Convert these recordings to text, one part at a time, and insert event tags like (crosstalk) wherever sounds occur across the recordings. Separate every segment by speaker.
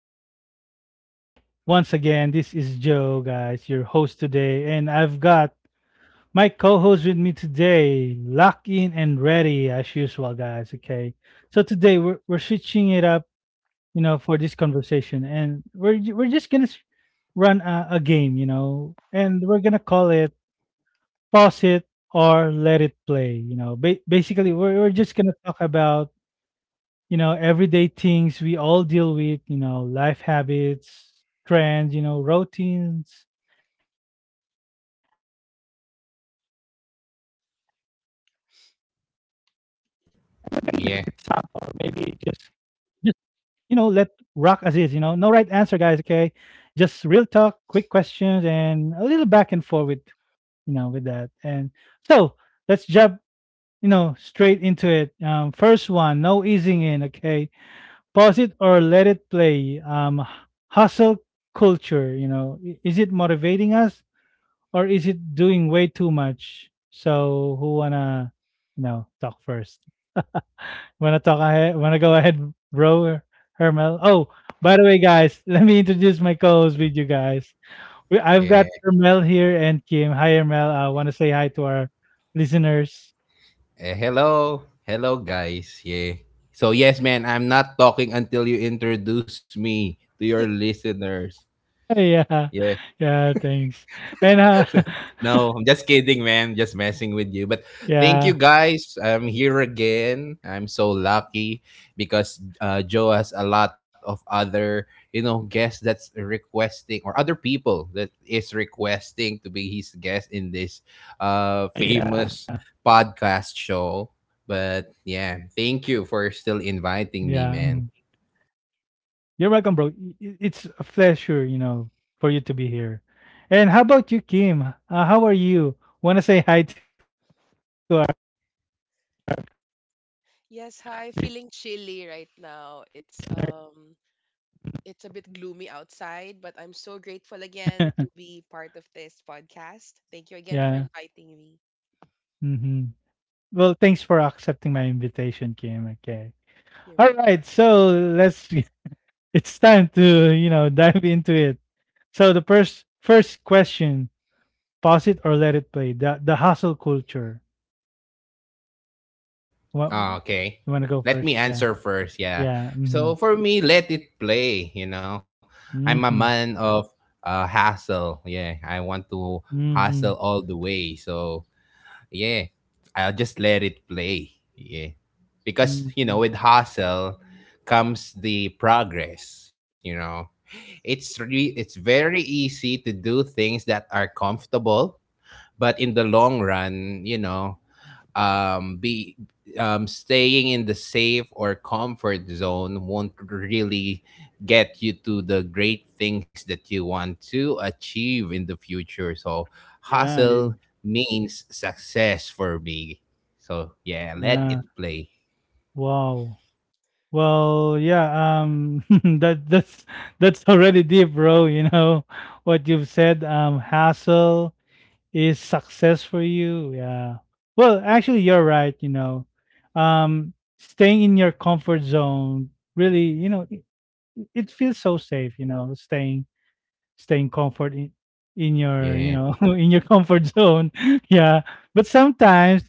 Speaker 1: everybody? Once again, this is Joe, guys, your host today, and I've got my co-host with me today, locked in and ready as usual, guys. Okay, so today we're switching it up, you know, for this conversation, and we're just gonna run a game, you know, and we're gonna call it pause it or let it play, you know. Basically, we're just gonna talk about you know, everyday things we all deal with, you know, life habits, trends, you know, routines for a little, or maybe just,
Speaker 2: Yeah,
Speaker 1: just you know, let rock as is, you know. No right answer, guys, okay? Just real talk, quick questions, and a little back and forth with, you know, with that. And so let's jump, you know, straight into it. First one, no easing in, okay? Pause it or let it play. Hustle culture, you know, is it motivating us or is it doing way too much? So who wanna you know talk first? Wanna talk ahead? Wanna go (laughs) ahead, bro, Hermel? Oh, by the way, guys, (laughs) let me introduce my co-host with you guys. I've got
Speaker 2: yeah.
Speaker 1: Hermel here and Kim. Hi, Hermel. I want to say hi to our listeners.
Speaker 2: Hello, hello, guys. Yeah. So yes, man, I'm not talking until you introduce me to your listeners.
Speaker 1: (laughs) Yeah,
Speaker 2: Yeah.
Speaker 1: yeah, thanks. And
Speaker 2: (laughs) No, I'm just kidding, man. Just messing with you. But
Speaker 1: (laughs)
Speaker 2: thank
Speaker 1: yeah,
Speaker 2: you guys. I'm here again. I'm so lucky because Joe has a lot of other, guests that's requesting or other people that is requesting to be his guest in this famous podcast show. But yeah, thank you for
Speaker 1: yeah.
Speaker 2: still
Speaker 1: Mhm.
Speaker 2: inviting me, man.
Speaker 1: You're welcome, bro. It's a pleasure, you know, for you to be here. And how about you, Kim? How are you? Want to say hi to our.
Speaker 3: Yes, hi. Feeling chilly right now. It's it's a bit gloomy outside, but I'm so
Speaker 1: (laughs)
Speaker 3: grateful again to be part of this podcast. Thank you
Speaker 1: Yeah.
Speaker 3: again for inviting me.
Speaker 1: Hmm. Well, thanks for accepting my invitation, Kim. Okay.
Speaker 3: You're
Speaker 1: All
Speaker 3: welcome.
Speaker 1: right. So let's. (laughs) It's time to, you know, dive into it. So the first question, pause it or let it play. The hustle culture. What, you
Speaker 2: Okay.
Speaker 1: want to go
Speaker 2: Let
Speaker 1: first?
Speaker 2: me
Speaker 1: Yeah.
Speaker 2: answer first. Yeah.
Speaker 1: Yeah. Mm-hmm.
Speaker 2: So for me, let it play. You know, I'm a man
Speaker 1: Mm-hmm.
Speaker 2: of hassle. Yeah, I want to hustle
Speaker 1: Mm-hmm.
Speaker 2: all the way. So yeah, I'll just let it play. Yeah, because you know,
Speaker 1: Mm-hmm.
Speaker 2: with hustle comes the progress. You know, it's very easy to do things that are comfortable, but in the long run, you know, be staying in the safe or comfort zone won't really get you to the great things that you want to achieve in the future, so
Speaker 1: Yeah, yeah.
Speaker 2: hustle means success for me. So yeah, let it
Speaker 1: Yeah.
Speaker 2: play.
Speaker 1: Wow. Well, yeah, (laughs) that's that's already deep, bro, you know. (laughs) What you've said, hassle is success for you. Yeah. Well, actually you're right, you know. Staying in your comfort zone really, you know, it feels so safe, you know, staying comfort in your you
Speaker 2: Yeah,
Speaker 1: know (laughs) in your comfort zone. (laughs) Yeah, but sometimes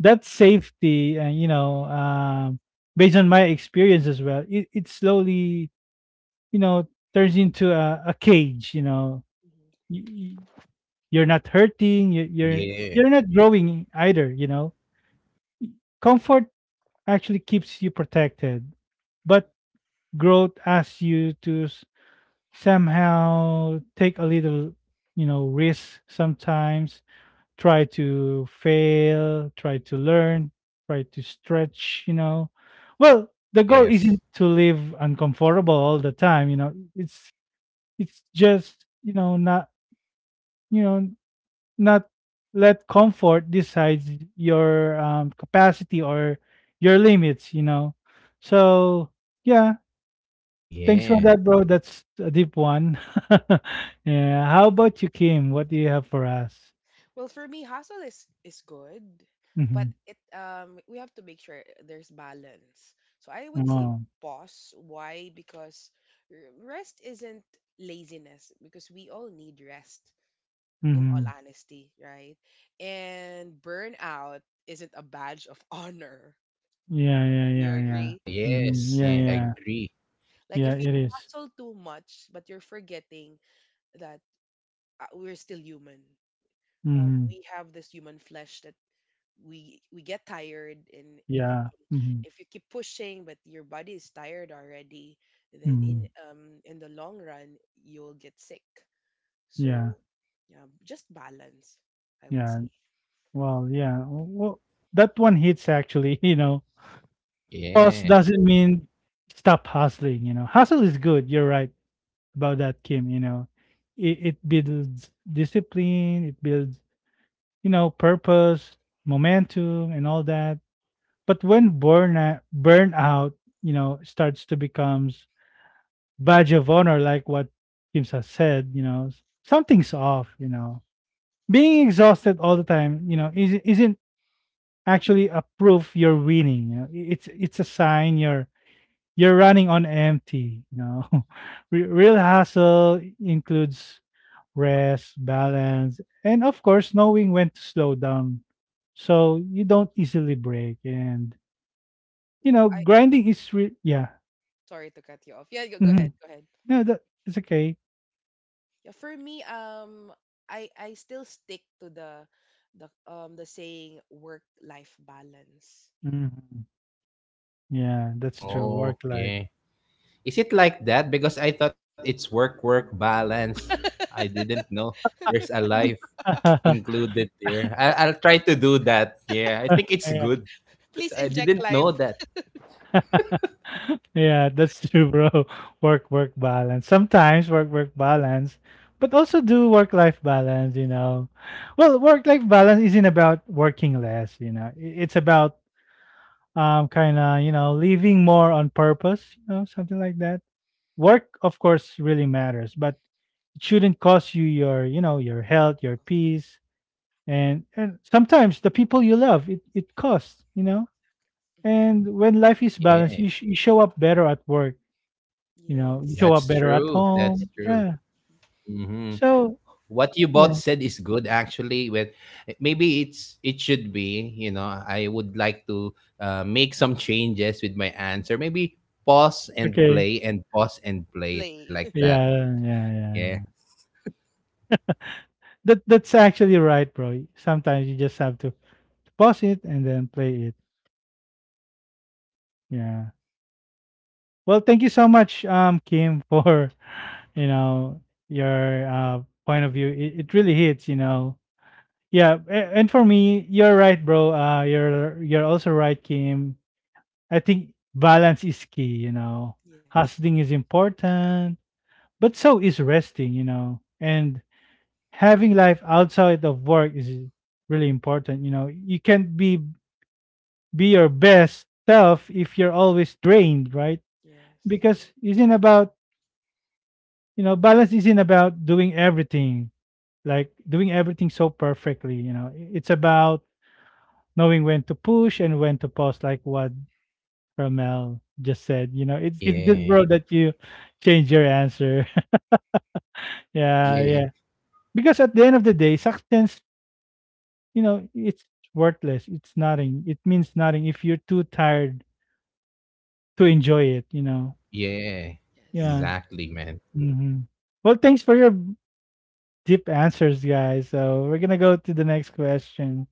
Speaker 1: that safety and you know based on my experience as well, it slowly you know turns into a cage, you know. you, you- you're not hurting you,
Speaker 2: yeah.
Speaker 1: you're not growing either, you know. Comfort actually keeps you protected, but
Speaker 3: Mhm.
Speaker 1: growth asks you to somehow take a little, you know, risk sometimes. Try to fail, try to learn, try to stretch, you know. Well, the goal isn't
Speaker 2: Yes.
Speaker 1: to live uncomfortable all the time, you know. It's just, you know, not, you know, not let comfort decides your capacity or your limits, you know. So yeah. Thanks for
Speaker 2: Yeah.
Speaker 1: that, bro. That's a deep one. (laughs) Yeah. How about you, Kim? What do you have for us?
Speaker 3: Well, for me, hustle is good,
Speaker 1: Mm-hmm.
Speaker 3: but it we have to make sure there's balance. So I would say
Speaker 1: Oh.
Speaker 3: pause. Why? Because rest isn't laziness because we all need rest. In
Speaker 1: Mm-hmm.
Speaker 3: all honesty, right? And burnout isn't a badge of (laughs) honor.
Speaker 1: Yeah, yeah,
Speaker 3: Do
Speaker 1: yeah,
Speaker 3: you
Speaker 1: yeah.
Speaker 2: Oh
Speaker 3: agree?
Speaker 1: Mm-hmm.
Speaker 2: yes,
Speaker 1: Yeah,
Speaker 2: yeah,
Speaker 1: yeah.
Speaker 2: agree.
Speaker 3: Like
Speaker 1: Yeah,
Speaker 3: if
Speaker 1: it
Speaker 3: you
Speaker 1: is.
Speaker 3: hustle too much, but you're forgetting that we're still human.
Speaker 1: Mm-hmm.
Speaker 3: We have this human flesh that we get tired, and if
Speaker 1: Yeah. Mm-hmm.
Speaker 3: if you keep pushing, but your body is tired already, then
Speaker 1: Mm-hmm.
Speaker 3: in the long run you'll get sick. So
Speaker 1: Yeah.
Speaker 3: yeah, just balance, I would
Speaker 1: Yeah.
Speaker 3: say.
Speaker 1: Well, yeah. Well, that one hits actually, (laughs) you know. Pause
Speaker 2: Yeah.
Speaker 1: doesn't mean stop hustling, you know. Hustle is good. You're right about that, Kim, you know. It builds discipline, it builds, you know, purpose, momentum, and all that. But when burnout, you know, starts to becomes badge of honor, like what Kim has said, you know, something's off. You know, being exhausted all the time, you know, isn't actually a proof you're winning. You know, it's a sign you're running on empty. You know, (laughs) real hustle includes rest, balance, and of course, knowing when to slow down so you don't easily break. And, you know,
Speaker 3: I
Speaker 1: grinding is yeah.
Speaker 3: sorry to cut you off. Yeah, go
Speaker 1: Hmm.
Speaker 3: ahead, go ahead.
Speaker 1: No, that it's okay.
Speaker 3: Yeah, for me, I still stick to the the saying work life balance.
Speaker 1: Hmm. Yeah, that's true.
Speaker 2: Oh
Speaker 1: Work life.
Speaker 2: yeah. Is it like that? Because I thought it's work work balance. I didn't know there's a life
Speaker 1: (laughs)
Speaker 2: included there. I'll try to do that. Yeah, I think it's
Speaker 1: Yeah,
Speaker 2: good because
Speaker 3: Please
Speaker 2: I
Speaker 3: inject
Speaker 2: didn't know
Speaker 3: life.
Speaker 2: that.
Speaker 1: yeah, that's true, bro. (laughs) Work, work balance. Sometimes work, work balance, but also do work life balance, you know. Well, work life balance isn't about working less, you know. It's about kind of you know living more on purpose, you know, something like that. Work, of course, really matters, but it shouldn't cost you your you know your health, your peace, and sometimes the people you love. It costs, you know.
Speaker 3: Mhm.
Speaker 1: And when life is balanced,
Speaker 2: Yeah,
Speaker 1: you show up better at work, you know, you show
Speaker 3: Yes,
Speaker 1: up
Speaker 2: that's
Speaker 1: better at
Speaker 2: true. That's
Speaker 1: home.
Speaker 2: true.
Speaker 3: definitely.
Speaker 1: Yeah.
Speaker 2: Hmm.
Speaker 1: So
Speaker 2: What you both
Speaker 1: yeah.
Speaker 2: said is good actually. With Maybe it should be. You know, I would like to make some changes with my answer. Maybe pause and
Speaker 1: Okay.
Speaker 2: play and pause and play like
Speaker 3: Play.
Speaker 2: that.
Speaker 3: (laughs)
Speaker 1: Yeah, yeah, yeah,
Speaker 2: Yeah.
Speaker 1: yeah. That that's actually right, bro. Sometimes you just have to pause it and then play it. Yeah. Well, thank you so much, Kim, for (laughs) you know your point of view. It really hits, you know. Yeah, and for me, you're right, bro. You're also right, Kim. I think balance is key. You know,
Speaker 3: Yes,
Speaker 1: hustling is important, but so is resting. You know, and having life outside of work is really important. You know, you can't be your best self if you're always drained, right?
Speaker 3: yes,
Speaker 1: Because isn't about you know, balance isn't about doing everything, like doing everything so perfectly, you know. It's about knowing when to push and when to pause, like what Ramel just said. You know, it's good,
Speaker 2: Yeah.
Speaker 1: bro, that you change your answer. (laughs)
Speaker 2: (laughs)
Speaker 1: Yeah,
Speaker 2: Yeah.
Speaker 1: yeah. Because at the end of the day, substance, you know, it's worthless. It's nothing. It means nothing if you're too tired to enjoy it, you know.
Speaker 2: Yeah,
Speaker 1: Yeah.
Speaker 3: Yes.
Speaker 2: exactly, man.
Speaker 1: Hmm. Well, thanks for your deep answers, guys. So we're gonna go to the next question.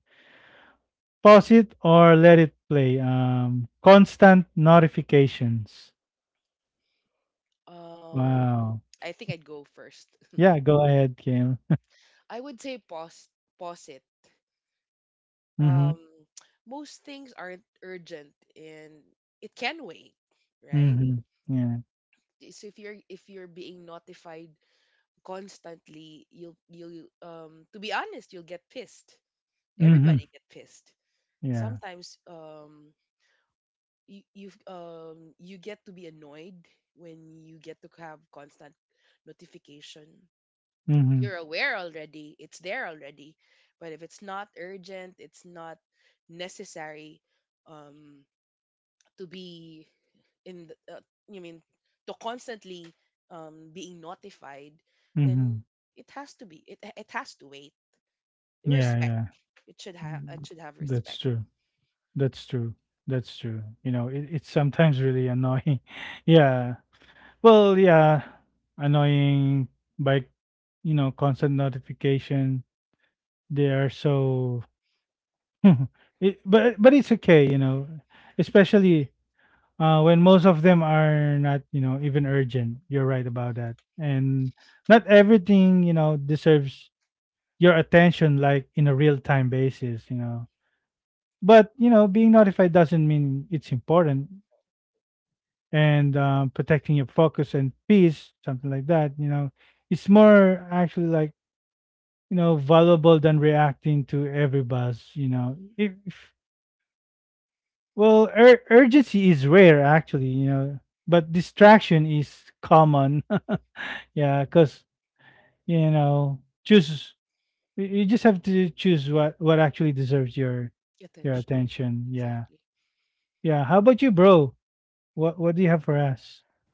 Speaker 1: Pause it or let it play. Constant notifications.
Speaker 3: Um,
Speaker 1: Wow.
Speaker 3: I think I'd go first. (laughs)
Speaker 1: Yeah, go ahead, Kim.
Speaker 3: I would say pause it.
Speaker 1: Mm-hmm.
Speaker 3: Um, (tsk) most things aren't urgent and it can wait, right?
Speaker 1: Mm-hmm. Yeah.
Speaker 3: So if you're being notified constantly you'll to be honest you'll get pissed,
Speaker 1: Mm-hmm.
Speaker 3: everybody get pissed
Speaker 1: Yeah.
Speaker 3: sometimes. You get to be annoyed when you get to have constant notification.
Speaker 1: Mm-hmm.
Speaker 3: You're aware already, it's there already, but if it's not urgent, it's not necessary um to be in you mean to constantly being notified, then
Speaker 1: Mm-hmm.
Speaker 3: it has to wait.
Speaker 1: Yeah,
Speaker 3: Respect.
Speaker 1: yeah.
Speaker 3: It
Speaker 1: Mm,
Speaker 3: should have
Speaker 1: that's
Speaker 3: respect,
Speaker 1: true. That's true. That's true. You know, it's sometimes really annoying. (laughs) Yeah. Well, yeah. Annoying by, you know, constant notification. They are so (laughs) it, but it's okay, you know, especially when most of them are not, you know, even urgent. You're right about that. And not everything, you know, deserves your attention like in a real time basis, you know. But, you know, being notified doesn't mean it's important. And protecting your focus and peace, something like that, you know, it's more actually like, you know, valuable than reacting to every buzz, you know. If well, urgency is rare actually, you know, but distraction is common. (laughs) Yeah, because you know, choose you you just have to choose what actually deserves your
Speaker 3: attention.
Speaker 1: attention. Yeah,
Speaker 3: Exactly.
Speaker 1: yeah. How about you, bro? What do you have for us? (laughs)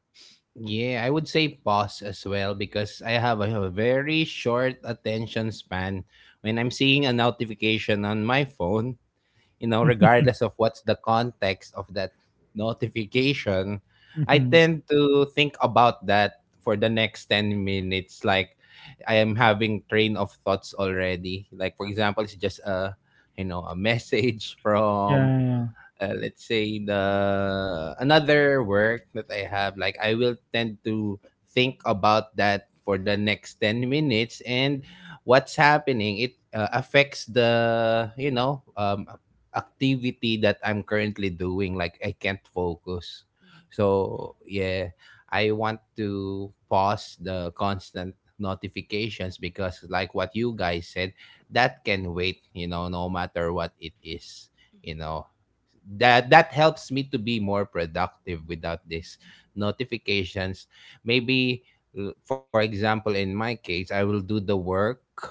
Speaker 2: Yeah, I would say pause as well because I have a very short attention span when I'm seeing a notification on my phone, you know, regardless of what's the context of that notification. I
Speaker 1: Mhm.
Speaker 2: tend to think about that for the next 10 minutes, like I am having train of thoughts already. Like for example, it's just a message (laughs) from
Speaker 1: Yeah, yeah.
Speaker 2: let's say the another work that I have,
Speaker 3: hmm
Speaker 2: like I will tend to think about that for the next 10 minutes, and what's happening, it affects the activity that I'm currently doing. Like I can't focus.
Speaker 3: hmm
Speaker 2: So yeah, I want to pause the constant notifications because like what you guys said, that can wait, you know, no matter what it is. You
Speaker 3: hmm
Speaker 2: know, that helps me to be more productive without these notifications. Maybe for example, in my case, I will do the work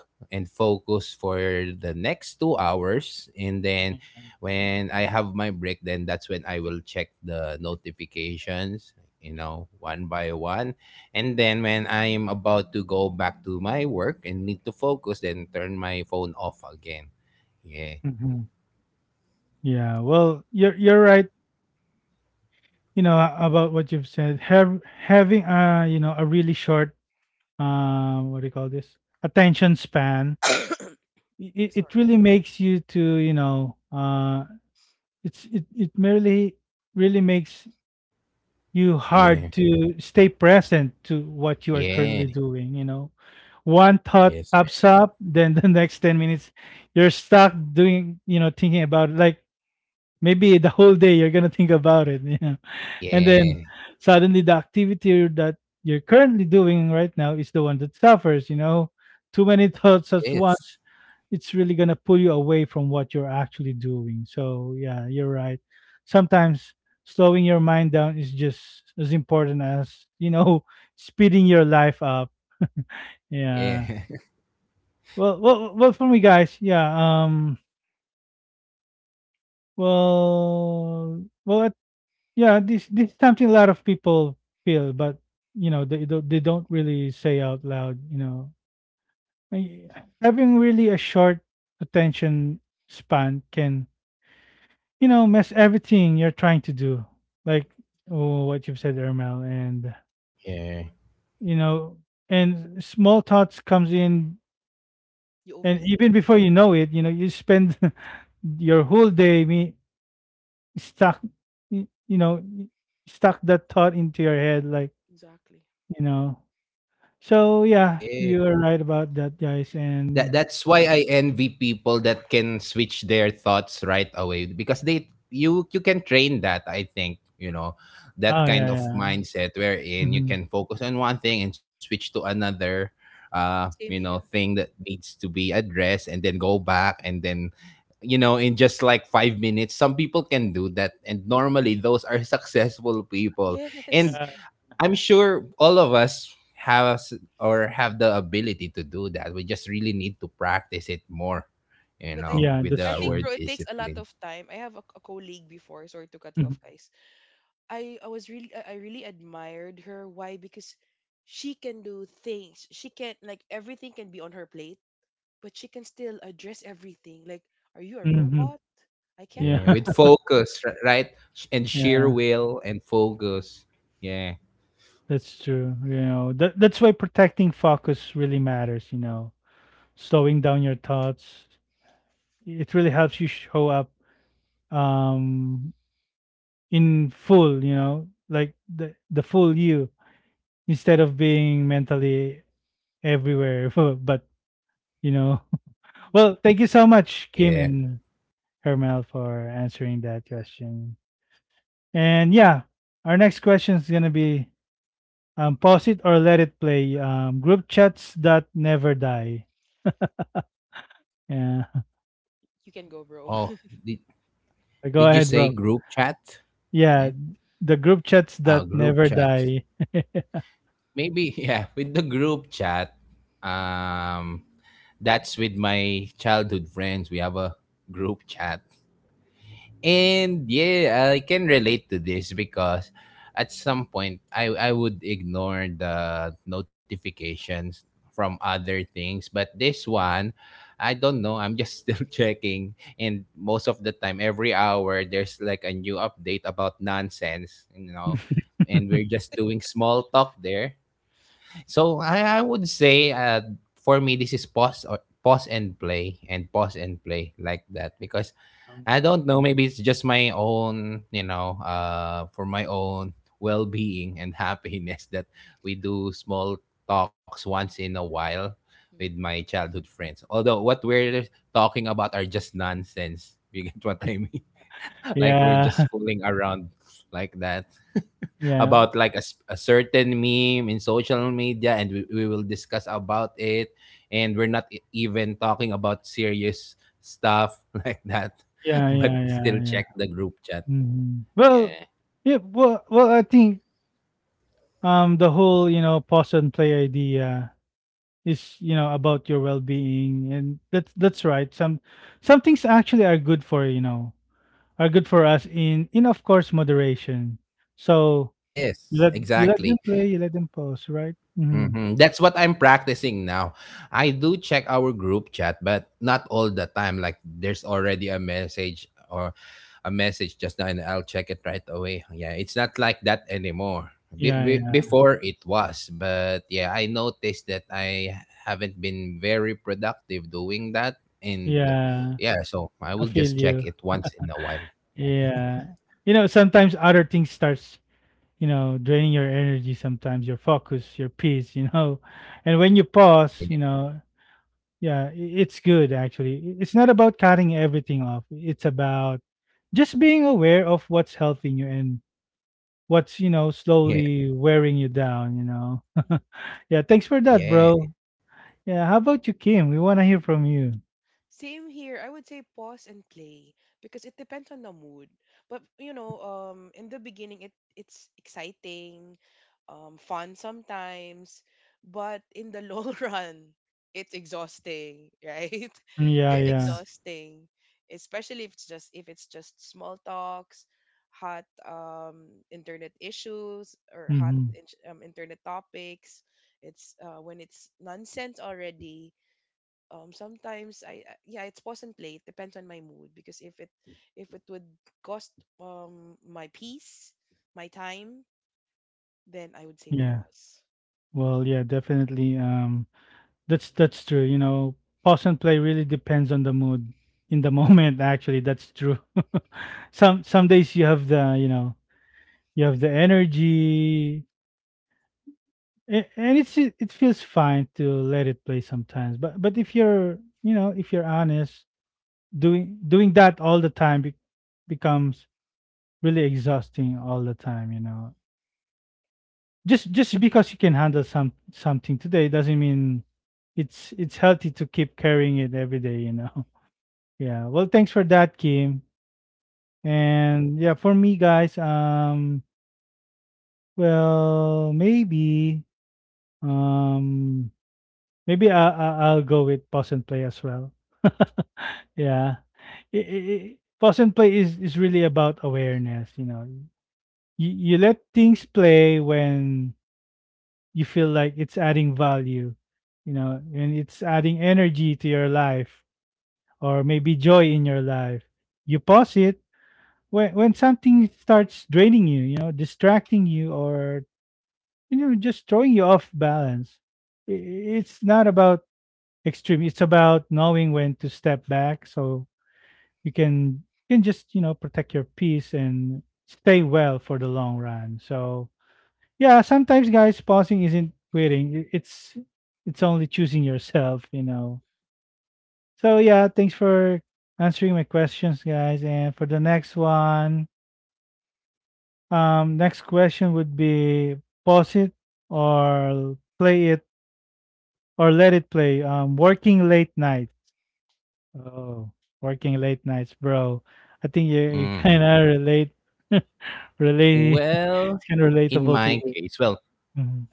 Speaker 2: and focus for the next 2 hours, and then when I have my break, then that's when I will check the notifications, you know, one by one. And then when I'm about to go back to my work and need to focus, then turn my phone off again. Yeah.
Speaker 1: Hmm. Yeah. Well, you're right. You know about what you've said. Have Having you know a really short what do you call this attention span.
Speaker 3: hmm
Speaker 1: It
Speaker 3: (coughs)
Speaker 1: it
Speaker 3: Sorry,
Speaker 1: really makes you to you know it's it it merely really makes you hard
Speaker 2: Yeah,
Speaker 1: to stay present to what you are currently
Speaker 2: yeah.
Speaker 1: doing, you know. One thought
Speaker 2: Yes.
Speaker 1: pops up then the (laughs) next 10 minutes you're stuck doing you know thinking about it. Like maybe the whole day you're gonna think about it. (laughs) Yeah, and then
Speaker 2: Yeah.
Speaker 1: suddenly the activity that you're currently doing right now is the one that suffers, you know, too many (laughs) thoughts at
Speaker 2: Yes.
Speaker 1: once. It's really going to pull you away from what you're actually doing, so yeah, you're right. Sometimes slowing your mind down is just as important as you know (laughs) speeding your life up. (laughs) Yeah,
Speaker 2: Yeah. (laughs)
Speaker 1: for me guys, yeah, I yeah, this is something a lot of people feel, but you know they don't really say out loud. You know, I- having really a short attention span can you know mess everything you're trying to do, like oh, what you've said, Ermel, and
Speaker 2: Yeah.
Speaker 1: you know, and small thoughts comes in,
Speaker 3: you
Speaker 1: and even
Speaker 3: overthink.
Speaker 1: before you know it, you know, you spend (laughs) your whole day me stuck, you know, stuck that thought into your head, like
Speaker 3: Exactly.
Speaker 1: you know. So yeah,
Speaker 2: Yeah.
Speaker 1: you are right about that, guys.
Speaker 2: That
Speaker 1: And
Speaker 2: that's why I envy people that can switch their thoughts right away, because they you you can train that I think, you know, that
Speaker 1: oh yeah,
Speaker 2: kind of
Speaker 1: yeah,
Speaker 2: mindset wherein you
Speaker 1: hmm,
Speaker 2: can focus on one thing and switch to another you know,
Speaker 3: Same here.
Speaker 2: thing that needs to be addressed, and then go back, and then, you know, in just like 5 minutes, some people can do that. And normally
Speaker 3: Ye-
Speaker 2: those are (laughs) successful people. And
Speaker 3: Yes,
Speaker 1: yeah,
Speaker 2: I'm sure all of us have the ability to do that. We just really need to practice it more, you
Speaker 3: but I
Speaker 2: know,
Speaker 1: yeah,
Speaker 2: with
Speaker 1: that's
Speaker 3: I
Speaker 2: our
Speaker 3: think
Speaker 1: true.
Speaker 3: bro, it takes a lot
Speaker 2: discipline.
Speaker 3: of time. I have a colleague before. Sorry to cut you off,
Speaker 1: Hmm.
Speaker 3: guys. I was really I really admired her. Why? Because she can do things. She can like everything can be on her plate, but she can still address everything. Like, are you a
Speaker 1: Hmm.
Speaker 3: robot? I can't
Speaker 1: Yeah,
Speaker 2: Yeah,
Speaker 3: do
Speaker 2: with focus, right? And
Speaker 1: (laughs)
Speaker 2: sheer
Speaker 1: yeah,
Speaker 2: will and focus. Yeah.
Speaker 1: that's true. You know that that's why protecting focus really matters. You
Speaker 3: that.
Speaker 1: know, slowing down your thoughts, it really helps you show up um in full. You know, like the full you instead of being mentally everywhere. (laughs) But you know, (laughs) well, thank you so much, Kim
Speaker 2: Yeah.
Speaker 1: and Hermel, for answering that question. And yeah, our next question is gonna be pause it or let it play. Group chats that never die. Yeah,
Speaker 3: You can go, bro.
Speaker 2: Oh,
Speaker 3: (laughs)
Speaker 2: did,
Speaker 1: (laughs) go
Speaker 2: did you
Speaker 1: ahead,
Speaker 2: say
Speaker 1: bro.
Speaker 2: group chat?
Speaker 1: Yeah,
Speaker 2: Man?
Speaker 1: the group chats
Speaker 2: Oh,
Speaker 1: that
Speaker 2: group
Speaker 1: never
Speaker 2: chats.
Speaker 1: die.
Speaker 2: Maybe, (laughs) yeah, with the group chat. Um, that's with my childhood friends. We have a group chat. And yeah, I can relate to this because at some point I would ignore the notifications from other things, but this one, I don't know. I'm just (laughs) still checking, and most of the time every hour there's like a new update about nonsense, you know. And we're
Speaker 1: (laughs)
Speaker 2: just doing small talk there. So I would say, for me this is pause, or pause and play and pause and play like that, because
Speaker 1: Um,
Speaker 2: I don't know. Maybe it's just my own, you know, for my own well being and (laughs) happiness that we do small talks once in a while with my
Speaker 3: Mm.
Speaker 2: childhood friends. Although what we're talking about are just nonsense. You get (laughs) what I mean? (laughs) Like we're
Speaker 1: yeah,
Speaker 2: just fooling around like that,
Speaker 1: yeah,
Speaker 2: about like a certain meme in social media, and we will discuss about it. And we're not even talking about serious stuff (laughs) like that,
Speaker 1: yeah, yeah,
Speaker 2: but
Speaker 1: yeah,
Speaker 2: still
Speaker 1: yeah.
Speaker 2: check the group chat.
Speaker 1: Mhm. Well,
Speaker 2: Yeah.
Speaker 1: yeah, well, well, I think the whole pause and play idea is about your well-being, and that's right. Some things actually are good for are good for us in of course moderation. So you
Speaker 2: Yes,
Speaker 1: let, you let them
Speaker 2: exactly.
Speaker 1: play, you let them pause, right? Hmm.
Speaker 2: Hmm, that's what
Speaker 3: Yeah,
Speaker 2: I'm practicing now. I do check our group chat, but not all the time. Like there's already a message, or a message just now, and I'll check it right away. Yeah, it's not like that anymore. Be-
Speaker 3: mm,
Speaker 1: Yeah,
Speaker 2: be-
Speaker 1: yeah,
Speaker 2: before it was, but yeah, I
Speaker 3: same here.
Speaker 2: noticed that I haven't been very productive doing that, and
Speaker 1: yeah,
Speaker 2: yeah, so
Speaker 1: I
Speaker 2: I will
Speaker 1: feel
Speaker 2: just
Speaker 1: you.
Speaker 2: check it once in a while. Yeah,
Speaker 1: Yeah, you know, sometimes other things starts, draining your energy, sometimes your focus, your peace, (laughs) you know. And when you pause, you
Speaker 2: yeah,
Speaker 1: know. Yeah, it's good actually. It's not about cutting everything off. It's about just being aware of what's helping you and what's,
Speaker 2: yeah,
Speaker 1: slowly wearing you down. (laughs)
Speaker 3: Mhm.
Speaker 1: Yeah, thanks for that,
Speaker 2: yeah,
Speaker 1: bro. Yeah, how about you, Kim? We want to hear from you.
Speaker 3: Same here. I would say pause and play because it depends on the mood. But you know, in the beginning, it's exciting, fun sometimes, but in the long (laughs) run, it's exhausting, right? (laughs)
Speaker 1: Yeah,
Speaker 3: It's
Speaker 1: yeah.
Speaker 2: yes.
Speaker 3: exhausting, especially if it's just small talks, hot internet issues or hot
Speaker 1: Mm-hmm.
Speaker 3: internet topics. It's when it's nonsense already, sometimes yeah, it's pause and play. It depends on my mood because if it would cost my peace, my time, then I would say
Speaker 1: Yeah.
Speaker 3: pause.
Speaker 1: Well, yeah, definitely. That's true. You know, pause and play really depends on the mood in the (laughs) moment. Actually, that's true. (laughs) Some days you have the you have the energy, and it it feels fine to let it play sometimes, but if you're, if you're honest, doing that all the time becomes really exhausting all the time, you know. Just because you can handle something today doesn't mean it's healthy to keep carrying it every day, you know. (laughs) Yeah, well thanks for that, Kim.
Speaker 3: You're
Speaker 1: And yeah, for me, guys, well maybe um maybe I'll go with pause and play as well. (laughs) Yeah. I pause and play is really about awareness, you know. You let things play when you feel like it's adding value, you know, and it's adding energy to your life, or maybe joy in your life. You pause it when something starts draining you, you know, distracting you, or just throwing you off balance. It's not about extreme. It's about knowing when to step back so you can just, you know, protect your peace and stay well for the long run. So, yeah, sometimes, guys, pausing isn't quitting. It's only choosing yourself, you know. So, yeah, thanks for answering my questions, guys. And for the next one, next question would be pause it or play it or let it play. Working late night. Oh, working late nights, bro. I think you you
Speaker 2: Mm.
Speaker 1: kinda relate (laughs) relate (laughs)
Speaker 2: Well,
Speaker 1: it's kinda
Speaker 2: in
Speaker 1: relatable to
Speaker 2: my
Speaker 1: you.
Speaker 2: case, well,
Speaker 1: Mhm.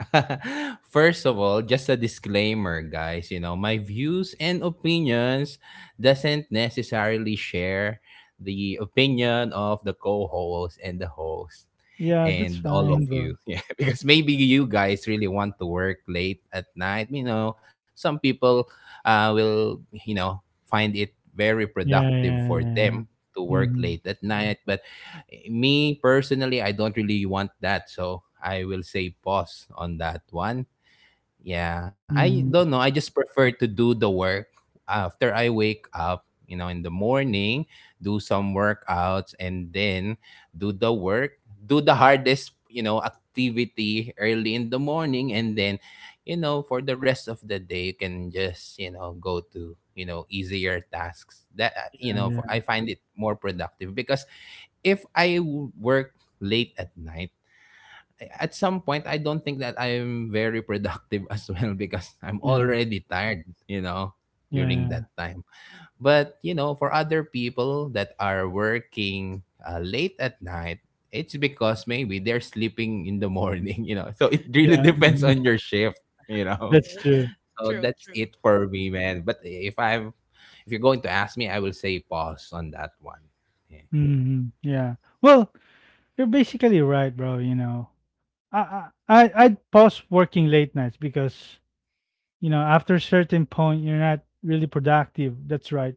Speaker 2: (laughs) first of all, just a disclaimer, guys. You know, my views and opinions doesn't necessarily share the opinion of the co-host and the host
Speaker 1: Yeah, that's
Speaker 2: and all of
Speaker 1: fine, bro.
Speaker 2: you. (laughs) Yeah, because maybe
Speaker 3: welcome.
Speaker 2: you guys really want to work late at night. You know, some people will, you know, find it very
Speaker 1: Yeah,
Speaker 2: productive
Speaker 1: yeah,
Speaker 2: for
Speaker 1: yeah.
Speaker 2: them to
Speaker 3: Mhm.
Speaker 2: work
Speaker 1: Mhm,
Speaker 2: late at night. But me personally, I don't really want that. So I will say pause on that one. Yeah, I don't
Speaker 1: mhm.
Speaker 2: know. I just prefer to do the work after I wake up, you know, in the morning, do some workouts, and then do the work, do the hardest, you know, activity early in the morning, and then, you know, for the rest of the day you can just, you know, go to, you know, easier tasks. That
Speaker 1: Yeah,
Speaker 2: you know, for,
Speaker 1: yeah,
Speaker 2: I find it more productive because if I work late at night, at some point I don't think that I'm very productive (laughs) as well, because I'm
Speaker 1: yeah,
Speaker 2: already tired, you know, during that
Speaker 1: yeah,
Speaker 2: time. But, you know, for other people that are working late at night, it's because maybe they're sleeping in the morning, (laughs) you know. So it really (laughs)
Speaker 1: yeah,
Speaker 2: depends
Speaker 1: mhm.
Speaker 2: on your shift, you know.
Speaker 1: That's
Speaker 3: Yes.
Speaker 1: true.
Speaker 2: (laughs) So
Speaker 3: True,
Speaker 2: that's it
Speaker 3: true.
Speaker 2: for me, man. But if you're going to ask me, I will say pause on that one. Yeah.
Speaker 1: Mhm, yeah. Well, you're basically right, bro, you know. I'd pause working late nights because, you know, after a certain point, you're not really productive. That's right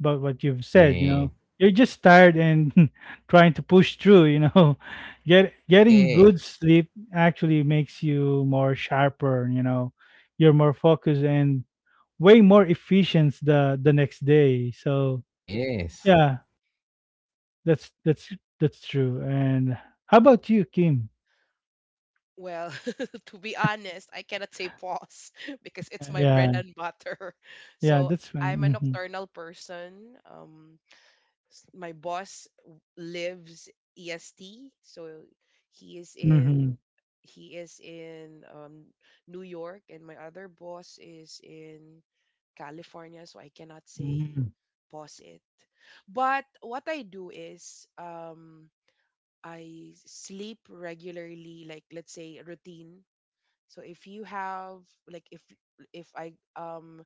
Speaker 1: about what you've said, you know.
Speaker 2: Yeah.
Speaker 1: You're just tired and (laughs) trying to push through, you know. (laughs) Getting
Speaker 2: Yeah.
Speaker 1: good sleep actually makes you more sharper, you know. You're more focused and way more efficient the next day. So,
Speaker 2: Yes.
Speaker 1: yeah, that's that's that's true. And how about you, Kim?
Speaker 3: Well, (laughs) to be honest, I cannot say pause (laughs) because it's my bread
Speaker 1: Yeah.
Speaker 3: and butter. (laughs)
Speaker 1: Yeah,
Speaker 3: So
Speaker 1: that's
Speaker 3: I'm a
Speaker 1: fine. Mhm.
Speaker 3: nocturnal person. My boss lives EST, so he is in
Speaker 1: Mhm.
Speaker 3: he is in New York, and my other boss is in California, so I cannot say
Speaker 1: Mhm.
Speaker 3: pause it. But what I do is I sleep regularly, like let's say routine. So if you have like if I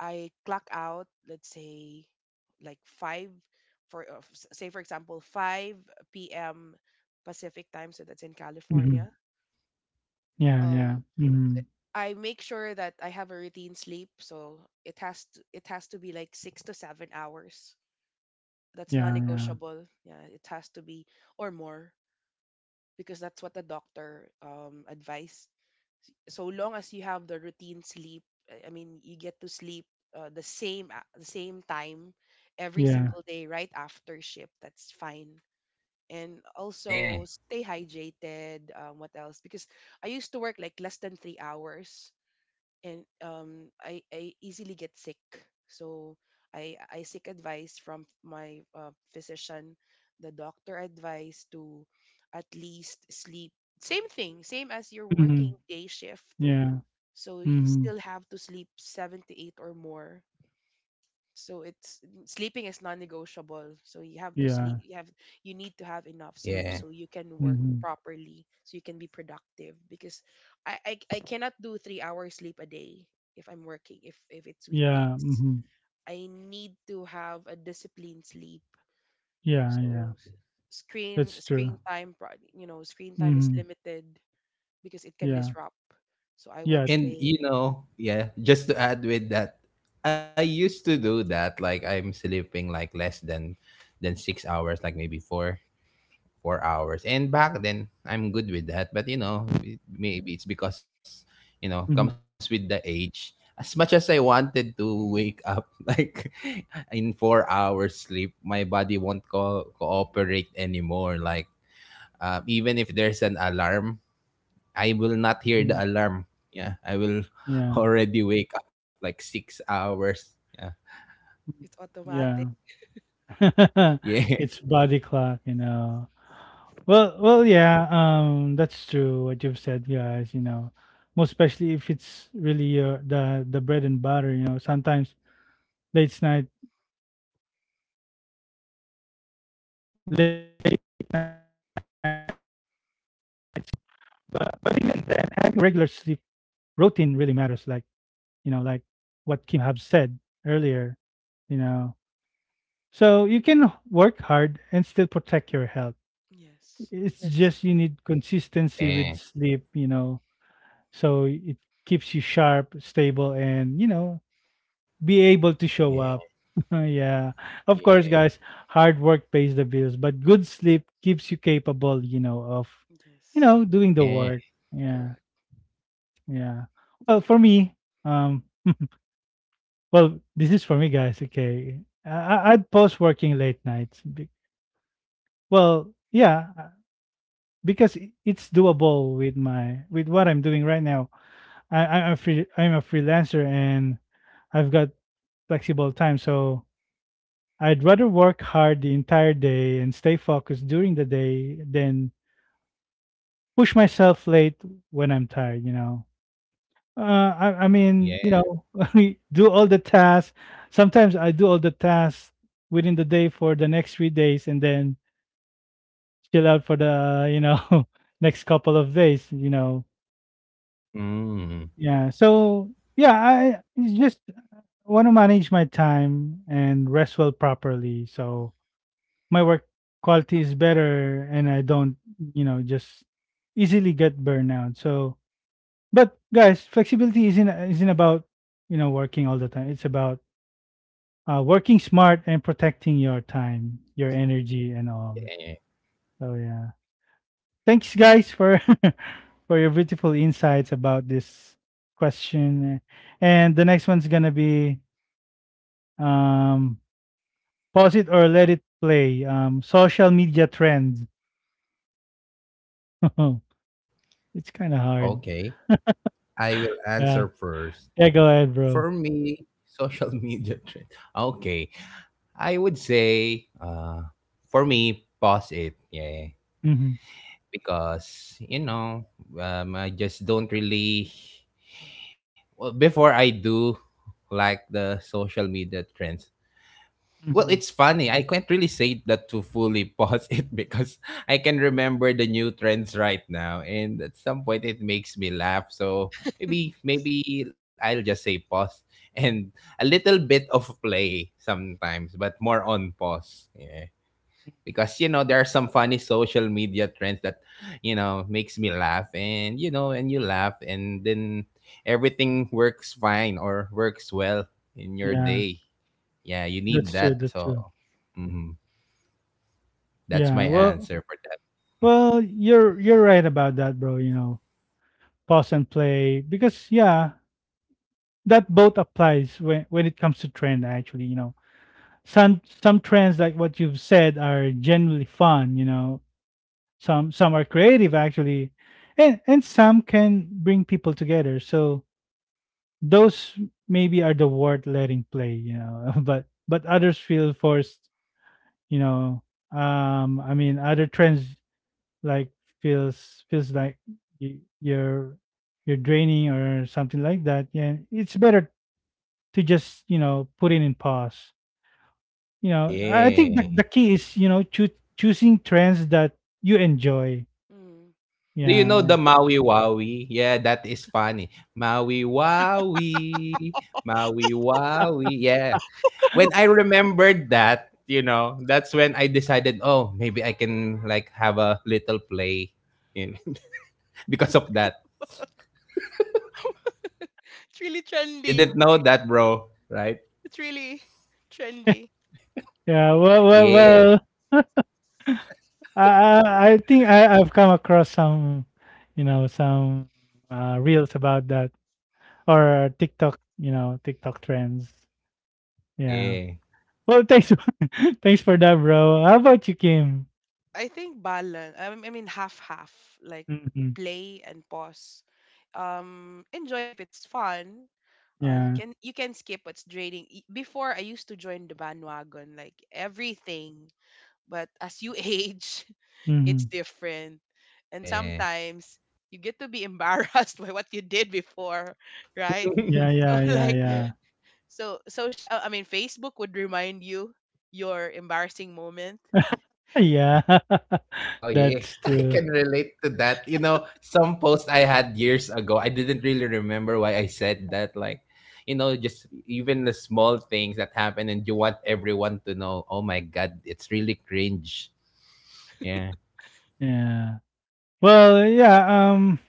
Speaker 3: I clock out, let's say, like five for say for example five p.m. Pacific time, so that's in
Speaker 1: Mhm.
Speaker 3: California.
Speaker 1: Yeah, yeah.
Speaker 3: Um,
Speaker 1: Mhm.
Speaker 3: I make sure that I have a routine sleep, so it has to be like 6 to 7 hours. That's
Speaker 1: Yeah, yeah.
Speaker 3: non-negotiable. Yeah, it has to be or more because that's what the doctor advised. So long as you have the routine sleep, I mean you get to sleep the same time every
Speaker 1: Yeah.
Speaker 3: single day right after shift, that's fine. And also
Speaker 2: Yeah.
Speaker 3: stay hydrated, what else, because I used to work like less than 3 hours and I easily get sick, so I seek advice from my physician. The doctor advice to at least sleep same thing, same as your
Speaker 1: Mhm.
Speaker 3: working day shift,
Speaker 1: Yeah.
Speaker 3: so you
Speaker 1: Mhm.
Speaker 3: still have to sleep seven to eight or more. So it's sleeping is non-negotiable. So you have to
Speaker 1: Yeah.
Speaker 3: sleep. You need to have enough sleep so
Speaker 2: Yeah.
Speaker 3: you can work
Speaker 1: Mhm.
Speaker 3: properly. So you can be productive because I cannot do 3 hours sleep a day if I'm working, if it's
Speaker 1: Yeah,
Speaker 3: weekdays.
Speaker 1: mhm.
Speaker 3: I need to have a disciplined sleep.
Speaker 1: Yeah, yeah.
Speaker 3: So
Speaker 1: That's true.
Speaker 3: screen time you know, screen time is
Speaker 1: Mhm.
Speaker 3: limited because it can
Speaker 1: Yeah.
Speaker 3: disrupt. So I
Speaker 1: Yeah.
Speaker 3: would
Speaker 2: And you
Speaker 3: say
Speaker 2: know, yeah, just to add with that, I used to do that. Like I'm sleeping like less than 6 hours, like maybe four hours. And back then I'm good with that. But you
Speaker 1: Mhm.
Speaker 2: know, maybe it's because, you know, comes with the age. As much as I wanted to wake up (laughs) like in 4 hours sleep, my body won't cooperate anymore. Like even if there's an alarm, I will not hear
Speaker 1: Mhm.
Speaker 2: the alarm. Yeah, I will (laughs)
Speaker 1: Yeah.
Speaker 2: already wake up like 6 hours. Yeah,
Speaker 3: (laughs)
Speaker 1: Mm.
Speaker 3: it's
Speaker 1: Yeah.
Speaker 3: automatic.
Speaker 1: (laughs)
Speaker 2: yeah,
Speaker 1: It's body clock, you know. Well, yeah, that's true what you've said, guys, you know. Most especially if it's really your the bread and butter, you know. Sometimes late night late nights comes with the work, and you gotta, you gotta, but even then having regular sleep routine really matters, like you know, like what Kim have said earlier, you know. So you can work hard and still protect your health.
Speaker 3: Yes.
Speaker 1: It's
Speaker 3: Necess-
Speaker 1: just you need
Speaker 2: (laughs)
Speaker 1: consistency
Speaker 2: yeah,
Speaker 1: with sleep, you know, so it keeps you sharp, stable, and you know, be able to
Speaker 2: yeah,
Speaker 1: show up. (laughs) Yeah. Of course,
Speaker 2: yeah,
Speaker 1: guys, hard work pays the bills, but good sleep keeps you capable, you know, of you
Speaker 3: yes.
Speaker 1: know, doing the
Speaker 2: yeah,
Speaker 1: work. Yeah.
Speaker 3: Correct.
Speaker 1: Yeah. Well, for me, um well, this is for me, guys. Okay, I'd post working late nights. Well, yeah, because it's doable with my with what I'm doing right now. I'm a freelancer, and I've got flexible time, so I'd rather work hard the entire day and stay focused during the day than push myself late when I'm tired. You know. I
Speaker 2: yeah.
Speaker 1: mean, you know, (laughs) we do all the tasks. Sometimes I do all the tasks within the day for the next 3 days, and then chill out for the (laughs) next couple of days. You know,
Speaker 2: Mm,
Speaker 1: yeah. So yeah, I it's just want to manage my time and rest well properly,
Speaker 3: Mm,
Speaker 1: so my work quality is better, and I don't just easily get burnout. So, but guys, flexibility isn't about you know working all the time. It's about working smart and protecting your time, your
Speaker 3: exactly.
Speaker 1: energy, and all.
Speaker 2: yeah.
Speaker 1: So yeah, thanks guys for (laughs) for your beautiful insights about this question. And the next one's gonna be um, pause it or let it play. Social media trends. (laughs) It's kind of hard.
Speaker 2: Okay, I will answer
Speaker 1: Yeah,
Speaker 2: first.
Speaker 1: yeah. Go ahead,
Speaker 2: For
Speaker 1: bro.
Speaker 2: me, social (laughs) media trend. Okay, I would say, for me, pause it. Yeah,
Speaker 1: Hmm.
Speaker 2: because you know, I just don't really, well, before I do, like the social media trends. Well, it's
Speaker 1: Hmm.
Speaker 2: funny. I can't really say that to fully pause (laughs) it because I can remember the new trends right now, and at some point it makes me laugh. So maybe I'll just say pause and a little bit of play sometimes, but more on pause. Yeah, because you know there are some funny social media trends that, you know, makes me laugh, and you know, and you laugh, and then everything works fine or works well in your
Speaker 1: Yeah,
Speaker 2: day. Yeah, you need
Speaker 1: that's true.
Speaker 2: that,
Speaker 1: That's
Speaker 2: so
Speaker 1: true.
Speaker 2: mhm, that's my
Speaker 1: Yeah. Well,
Speaker 2: answer for that.
Speaker 1: well, you're right about that, bro. You know, pause and play, because yeah, that both applies when it comes to trend actually, you know. Some trends like what you've said are generally fun, you know. Some are creative actually, and some can bring people together, so those maybe are the worth letting play, you know. (laughs) But others feel forced, you know. Other trends like feels like y- you're you're draining or something like that. Yeah, it's better to just, you know, put it in pause, you know. I think
Speaker 2: Yeah.
Speaker 1: the key is, you know, choosing trends that you enjoy.
Speaker 3: (laughs) mm.
Speaker 2: Do you know the
Speaker 1: Yeah.
Speaker 2: Maui Wowie? Yeah, that is funny. Maui Wowie. Maui Wowie, yeah. When I remembered that, you know, that's when I decided, oh, maybe I can like have a little play, you know, (laughs) because of that.
Speaker 3: (laughs) It's really
Speaker 2: You
Speaker 3: trendy.
Speaker 2: didn't know that, bro, right?
Speaker 3: It's really
Speaker 1: (laughs)
Speaker 3: trendy.
Speaker 1: yeah well well
Speaker 2: Yeah,
Speaker 1: well (laughs) I, I I think I've come across some, you know, some reels about that, or TikTok, you know, TikTok trends. Yeah.
Speaker 2: yeah,
Speaker 1: Well, thanks, (laughs) thanks for that, bro. How about you, Kim?
Speaker 3: I think balance. I mean half half, like
Speaker 1: Hmm.
Speaker 3: play and pause. Enjoy if it's fun.
Speaker 1: Yeah.
Speaker 3: You can skip what's draining. Before I used to join the bandwagon, like everything. But as you (laughs) age, it's
Speaker 1: Hmm.
Speaker 3: different. And
Speaker 2: yeah.
Speaker 3: sometimes you get to be embarrassed (laughs) by what you did before, right?
Speaker 1: Yeah.
Speaker 2: (laughs)
Speaker 3: So
Speaker 1: Yeah.
Speaker 3: (laughs)
Speaker 1: Yeah.
Speaker 3: like,
Speaker 2: Yeah.
Speaker 1: Yeah.
Speaker 3: so social, I mean Facebook would remind you your embarrassing moment.
Speaker 1: (laughs) Yeah. (laughs)
Speaker 2: Oh, yeah.
Speaker 1: That's
Speaker 2: (laughs) I
Speaker 1: true.
Speaker 2: can relate to that. You know, some post I had years ago, I didn't really remember why I said that. Like, you know, just even the small things that happen, and you want everyone to know, oh my God, it's really cringe. Yeah.
Speaker 1: Yeah. Well, yeah,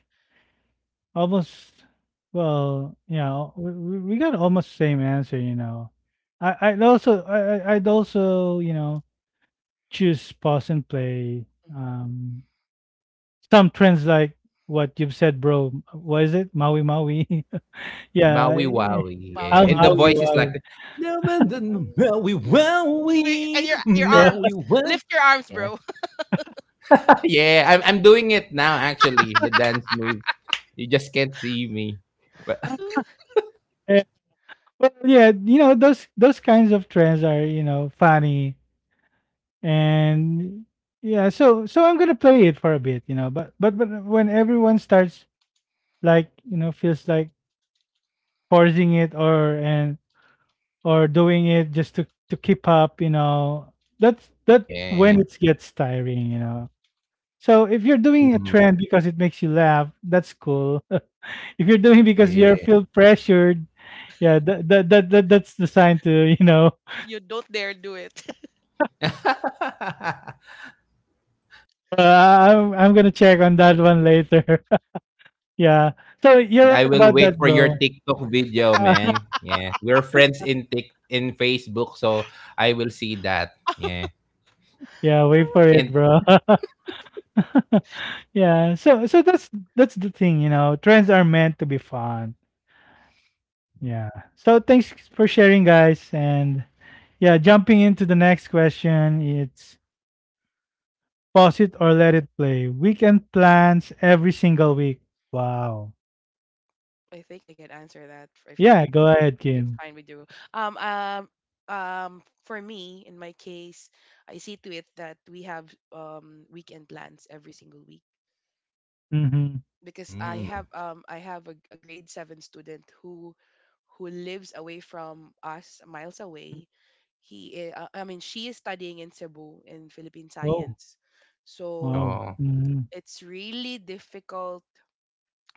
Speaker 1: almost, well, you know, we got almost same answer, you know. I'd also, I'd also, you know, choose pause and play. Um, some trends like what you've said, bro. What is it? Maui Maui. (laughs) Yeah.
Speaker 2: Maui Wowie,
Speaker 3: Bow
Speaker 2: yeah.
Speaker 1: I'll
Speaker 3: you
Speaker 2: And the
Speaker 3: up.
Speaker 1: Maui
Speaker 2: voice is like,
Speaker 1: Maui. (laughs)
Speaker 2: Maui
Speaker 3: Oh, (laughs) And
Speaker 2: Wowie,
Speaker 3: your
Speaker 1: Well,
Speaker 3: arms.
Speaker 2: Maui Wowie.
Speaker 3: Lift your arms,
Speaker 2: Yeah,
Speaker 3: bro.
Speaker 2: (laughs) yeah. I'm doing it now, actually, the dance move. You just can't see me. But (laughs)
Speaker 3: (laughs)
Speaker 1: eh, well, yeah, you know, those kinds of trends are, you know, funny, and yeah, so so I'm gonna play it for a bit, you know, but when everyone starts, like, you know, feels like forcing it, or and or doing it just to keep up, you know, that's that when
Speaker 2: yeah.
Speaker 1: it gets tiring, you know. So if you're doing a
Speaker 2: Mm,
Speaker 1: trend because it makes you laugh, that's cool. (laughs) If you're doing because you are
Speaker 2: yeah.
Speaker 1: feel pressured, yeah, that's the sign to you know.
Speaker 3: You don't dare do it. (laughs)
Speaker 2: (laughs)
Speaker 1: (laughs) Uh, I'm gonna check on that one later. (laughs) Yeah, so you're
Speaker 2: And
Speaker 1: right
Speaker 2: I will
Speaker 1: about that,
Speaker 2: wait for your
Speaker 1: bro.
Speaker 2: TikTok video,
Speaker 1: Uh, (laughs)
Speaker 2: man. Yeah. We're friends in Tik in Facebook, so I will see that. Yeah.
Speaker 1: yeah, wait for it,
Speaker 2: And
Speaker 1: bro. (laughs) Yeah, so so that's the thing, you know. Trends are meant to be fun. Yeah. So thanks for sharing, guys. And yeah, jumping into the next question, it's pause it or let it play. Weekend plans every single week. Wow.
Speaker 3: I think I can answer that for- if,
Speaker 1: Yeah,
Speaker 3: you-
Speaker 1: go
Speaker 3: if you-
Speaker 1: ahead,
Speaker 3: if it's
Speaker 1: Kim.
Speaker 3: fine with you. Um um for me in my case, I see to it that we have weekend plans every single week
Speaker 1: Mm-hmm.
Speaker 3: because I
Speaker 2: mm,
Speaker 3: have um I have a grade 7 student who lives away from us miles away. I mean she is studying in Cebu in Philippine
Speaker 1: Oh,
Speaker 3: science. So
Speaker 1: wow.
Speaker 2: oh,
Speaker 1: Mm-hmm.
Speaker 3: it's really difficult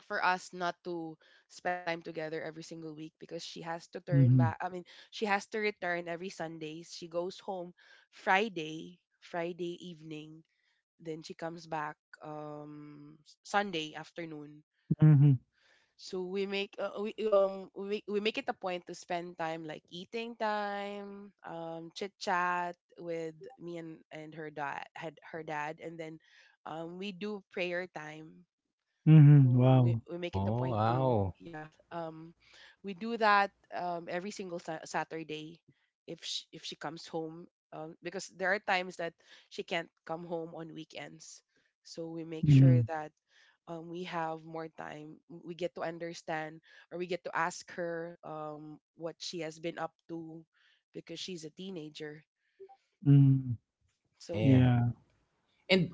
Speaker 3: for us not to spend time together every single week because she has to turn
Speaker 1: Mm-hmm.
Speaker 3: back I mean she has to return every Sunday. She goes home Friday evening, then she comes back Sunday afternoon.
Speaker 1: Mm-hmm.
Speaker 3: So we make it a point to spend time, like eating time, chit chat with me and her dad, and then we do prayer time.
Speaker 1: Mm-hmm.
Speaker 3: Mm,
Speaker 1: Wow.
Speaker 3: we make it a point
Speaker 2: oh
Speaker 3: to,
Speaker 2: wow.
Speaker 3: yeah, we do that every single Saturday if if she comes home, because there are times that she can't come home on weekends. So we make sure
Speaker 1: Mm-hmm.
Speaker 3: that we have more time. We get to understand, or we get to ask her what she has been up to because she's a teenager,
Speaker 1: Mm-hmm.
Speaker 3: so
Speaker 2: Yeah.
Speaker 3: yeah.
Speaker 1: Yeah.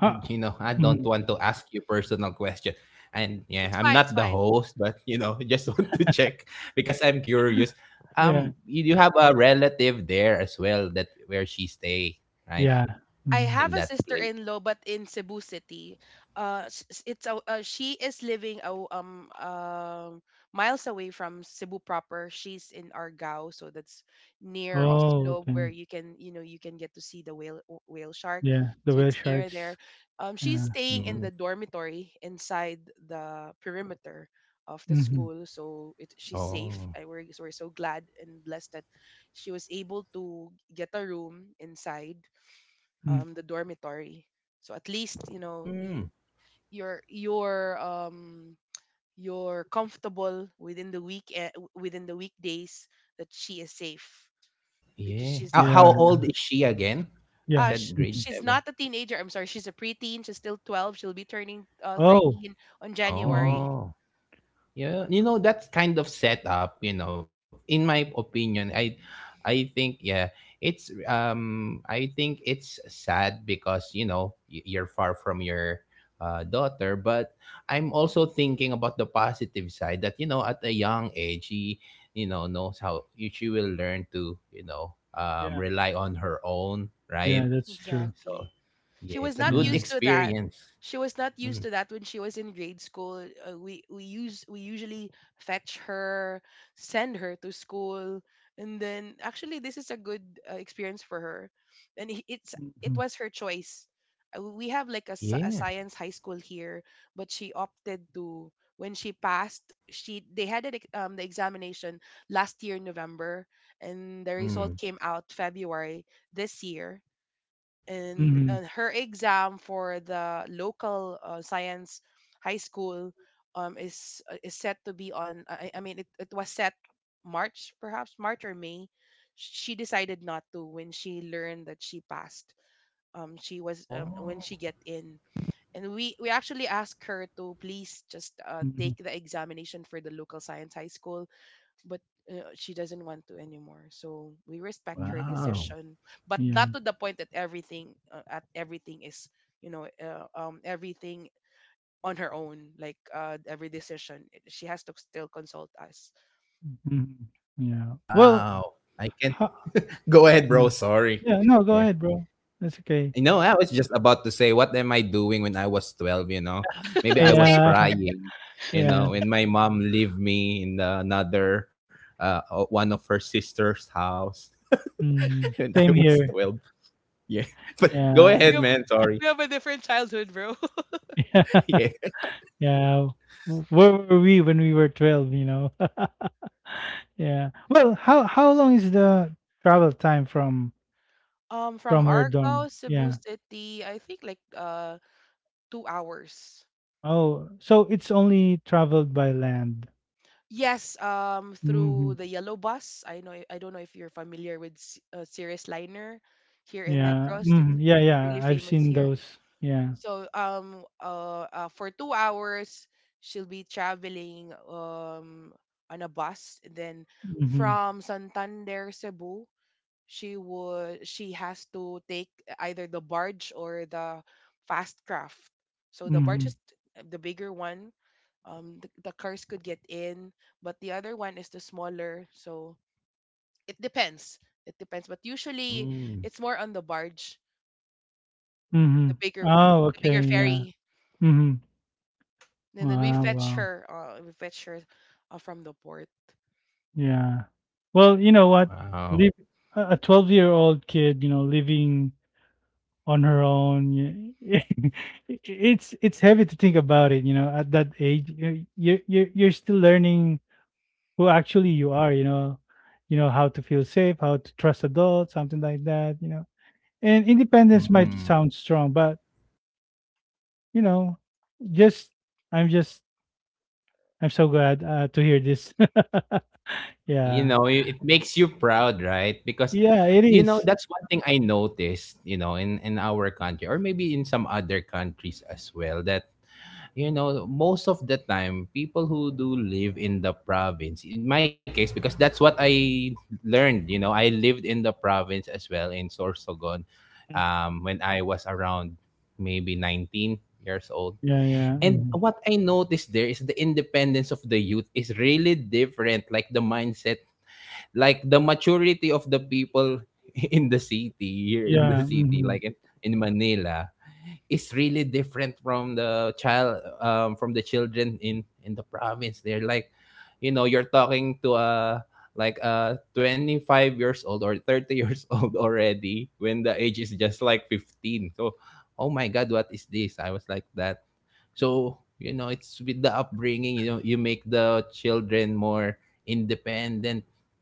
Speaker 1: Huh.
Speaker 2: you know, I don't
Speaker 1: Mhm.
Speaker 2: want to ask you personal question. And yeah,
Speaker 3: It's
Speaker 2: I'm
Speaker 3: fine, it's
Speaker 2: not the
Speaker 3: fine.
Speaker 2: host, but you know, (laughs) just want to check because I'm curious. You have a relative there as well that where she stay, right?
Speaker 1: Yeah,
Speaker 3: I
Speaker 1: mhm.
Speaker 3: have
Speaker 2: In
Speaker 3: a
Speaker 2: that place.
Speaker 3: sister-in-law, but in Cebu City. She is living miles away from Cebu proper. She's in Argao, so that's near
Speaker 1: Oh,
Speaker 3: Oslo, where
Speaker 1: okay.
Speaker 3: you can you know you can get to see the whale shark.
Speaker 1: Yeah, the
Speaker 3: So
Speaker 1: whale
Speaker 3: it's near there.
Speaker 1: sharks.
Speaker 3: She's
Speaker 1: Yeah.
Speaker 3: staying in
Speaker 2: Mm.
Speaker 3: the dormitory inside the perimeter of the
Speaker 1: Mhm.
Speaker 3: school, so it she's safe.
Speaker 2: Oh.
Speaker 3: I, we're so glad and blessed that she was able to get a room inside
Speaker 1: Mm.
Speaker 3: the dormitory. So at least you know you,
Speaker 2: Mm.
Speaker 3: you're you're um, you're comfortable within the week, within the weekdays, that she is safe because
Speaker 2: Yeah.
Speaker 3: she's
Speaker 2: How
Speaker 1: Yeah,
Speaker 2: old is she again? You
Speaker 1: yeah.
Speaker 2: said grade
Speaker 1: Mhm.
Speaker 3: she's
Speaker 2: seven.
Speaker 3: not a teenager. I'm sorry, she's a preteen. She's still 12. She'll be turning
Speaker 1: Oh,
Speaker 3: 13 on
Speaker 1: mhm.
Speaker 3: January.
Speaker 2: Oh. Yeah, you know that kind of setup, you know, in my opinion, I think yeah, it's I think it's sad because, you know, you're far from your daughter, but I'm also thinking about the positive side that, you know, at a young age, she, you know, knows how she will learn to, you know,
Speaker 1: Yeah,
Speaker 2: rely on her own,
Speaker 1: yeah,
Speaker 2: right?
Speaker 1: that's true.
Speaker 2: So,
Speaker 3: Exactly. She
Speaker 2: yeah,
Speaker 3: was
Speaker 2: it's a
Speaker 3: not
Speaker 2: good
Speaker 1: Yeah.
Speaker 3: used to that.
Speaker 2: experience.
Speaker 3: She was not used to
Speaker 2: Mm,
Speaker 3: that when she was in grade school. We use we usually fetch her, send her to school, and then actually this is a good experience for her, and it's it
Speaker 1: Mhm.
Speaker 3: was her choice. We have like a
Speaker 2: yeah.
Speaker 3: science high school here, but she opted to when she passed. She They had an, the examination last year in November, and the result
Speaker 2: Mm.
Speaker 3: came out February this year. And
Speaker 1: Mhm.
Speaker 3: her exam for the local science high school, is set to be on I mean, it was set March, perhaps March or May. She decided not to when she learned that she passed. She was When she
Speaker 2: Oh,
Speaker 3: get in, and we actually asked her to
Speaker 1: Mhm.
Speaker 3: please just take the examination for the local science high school, but she doesn't want to anymore. So we respect her
Speaker 1: Mhm.
Speaker 2: wow.
Speaker 3: decision, but
Speaker 1: Yeah.
Speaker 3: not to the point that everything is everything on her own. Like, every decision, she has to still consult us.
Speaker 1: Mhm. Yeah. Well,
Speaker 2: Wow. I can
Speaker 1: ho
Speaker 2: (laughs) go ahead, bro.
Speaker 1: mhm.
Speaker 2: Sorry.
Speaker 1: Yeah, no, go
Speaker 2: Yeah.
Speaker 1: ahead, bro. That's okay.
Speaker 2: You know, I was just about to say, what am I doing when I was twelve? You know, maybe I
Speaker 3: (laughs)
Speaker 2: was
Speaker 1: Yeah,
Speaker 3: Same.
Speaker 2: crying, you
Speaker 1: yeah.
Speaker 2: know, when my mom leave me in the, another one of her sister's house (laughs) when
Speaker 1: Mhm.
Speaker 2: I was
Speaker 1: Same
Speaker 2: twelve.
Speaker 1: here.
Speaker 2: Yeah. (laughs) But go ahead,
Speaker 1: Yeah.
Speaker 3: We have,
Speaker 2: man. Sorry.
Speaker 3: we have
Speaker 2: (laughs)
Speaker 3: a different childhood, bro. (laughs)
Speaker 1: (laughs) Yeah.
Speaker 2: Yeah.
Speaker 1: Yeah. Where were we when we were 12, you know? (laughs) Yeah. Well, how long is the travel time from
Speaker 3: From
Speaker 1: her dorm?
Speaker 3: Argao Cebu
Speaker 1: Yeah.
Speaker 3: City, I think like 2 hours.
Speaker 1: Oh, so it's only traveled by land.
Speaker 3: Yes, through
Speaker 1: Hmm.
Speaker 3: the yellow bus. I know. I don't know if you're familiar with Cirrus Liner here in
Speaker 1: Yeah.
Speaker 3: Negros.
Speaker 1: Hmm. Yeah,
Speaker 3: It's
Speaker 1: yeah.
Speaker 3: really
Speaker 1: I've
Speaker 3: famous
Speaker 1: seen
Speaker 3: here.
Speaker 1: those. Yeah.
Speaker 3: So for 2 hours she'll be traveling on a bus. And then
Speaker 1: Hmm.
Speaker 3: from Santander, Cebu, she has to take either the barge or the fast craft. So the barge
Speaker 1: Hmm.
Speaker 3: is the bigger one. The cars could get in, but the other one is the smaller. So it depends. It depends, but usually
Speaker 2: Mm,
Speaker 3: it's more on the barge,
Speaker 1: Hmm.
Speaker 3: the bigger one,
Speaker 1: Oh,
Speaker 3: the
Speaker 1: okay.
Speaker 3: bigger
Speaker 1: Yeah.
Speaker 3: ferry.
Speaker 1: Hmm.
Speaker 3: And then we
Speaker 1: Wow,
Speaker 3: fetch
Speaker 1: wow.
Speaker 3: her. We fetch her from the port.
Speaker 1: Yeah. Well, you know
Speaker 2: wow.
Speaker 1: what? Live a 12-year-old kid, you know, living on her own. (laughs) It's heavy to think about it, you know, at that age. You're still learning who actually you are, you know. You know how to feel safe, how to trust adults, something like that, you know. And independence might sound strong, but you know, just I'm just I'm so glad to hear this. (laughs)
Speaker 2: You know
Speaker 1: Yeah.
Speaker 2: it makes you proud, right? Because
Speaker 1: Yeah,
Speaker 2: you
Speaker 1: it
Speaker 2: know
Speaker 1: is.
Speaker 2: that's one thing I noticed, you know, in our country or maybe in some other countries as well, that you know most of the time people who do live in the province, in my case, because that's what I learned, you know, I lived in the province as well in Sorsogon
Speaker 1: Mm.
Speaker 2: when I was around maybe 19 years old.
Speaker 1: Yeah, yeah.
Speaker 2: And
Speaker 1: Mhm.
Speaker 2: what I noticed there is the independence of the youth is really different. Like the mindset, like the maturity of the people (laughs) in the city, here in the
Speaker 1: Yeah,
Speaker 2: city, like
Speaker 1: mhm.
Speaker 2: in Manila is really different from the child from the children in the province. They're like, you know, you're talking to a like a 25 years old or 30 years (laughs) old already when the age is just like 15. So oh my god, what is this? I was like that. So, you know, it's with the upbringing, you know, you make the children more independent.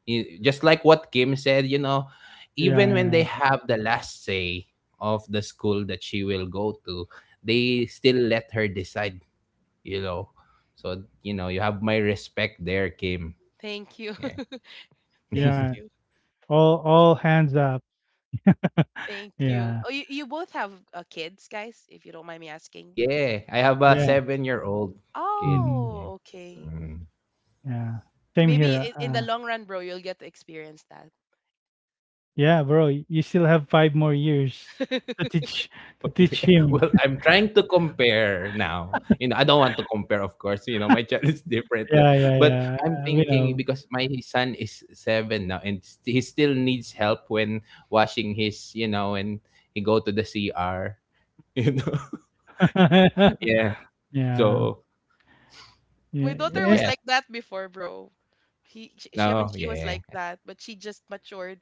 Speaker 2: You- Just like what Kim said, you know, even
Speaker 1: Yeah,
Speaker 2: when
Speaker 1: yeah.
Speaker 2: they have the last say of the school that she will go to, they still let her decide, you know. So, you know, you have my respect there, Kim.
Speaker 3: Thank you.
Speaker 2: Yeah.
Speaker 3: (laughs)
Speaker 2: (laughs)
Speaker 3: Thank
Speaker 1: Yeah.
Speaker 3: you.
Speaker 1: All hands up.
Speaker 3: Thank you.
Speaker 1: Yeah.
Speaker 3: Oh, you both have kids, guys, if you don't mind me asking.
Speaker 2: Yeah. I have a
Speaker 1: Yeah.
Speaker 2: 7 year old kid.
Speaker 1: Mhm.
Speaker 2: Yeah.
Speaker 3: Oh, okay.
Speaker 2: Mm.
Speaker 1: Yeah. Same
Speaker 3: Maybe
Speaker 1: here.
Speaker 3: in the long run, bro, you'll get to experience that.
Speaker 1: Yeah, bro, you still have 5 more years to
Speaker 3: (laughs)
Speaker 1: teach to
Speaker 2: Oh
Speaker 1: teach
Speaker 2: yeah. (laughs)
Speaker 1: him. (laughs)
Speaker 2: Well, I'm trying to compare now. You know, I don't want to compare, of course. You know, my child (laughs) is different,
Speaker 1: Yeah, yeah,
Speaker 2: but
Speaker 1: yeah.
Speaker 2: I'm
Speaker 1: Uh, we
Speaker 2: thinking
Speaker 1: know.
Speaker 2: because my son is seven now, and he still needs help when washing his, you know, when he go to the CR. (laughs) You know, yeah.
Speaker 1: (laughs) Yeah.
Speaker 2: So,
Speaker 1: Yeah.
Speaker 3: My
Speaker 2: but
Speaker 3: daughter was
Speaker 1: eh,
Speaker 2: yeah,
Speaker 3: like that before, bro. I mean,
Speaker 2: no,
Speaker 3: she was
Speaker 2: yeah.
Speaker 3: like that, but she just matured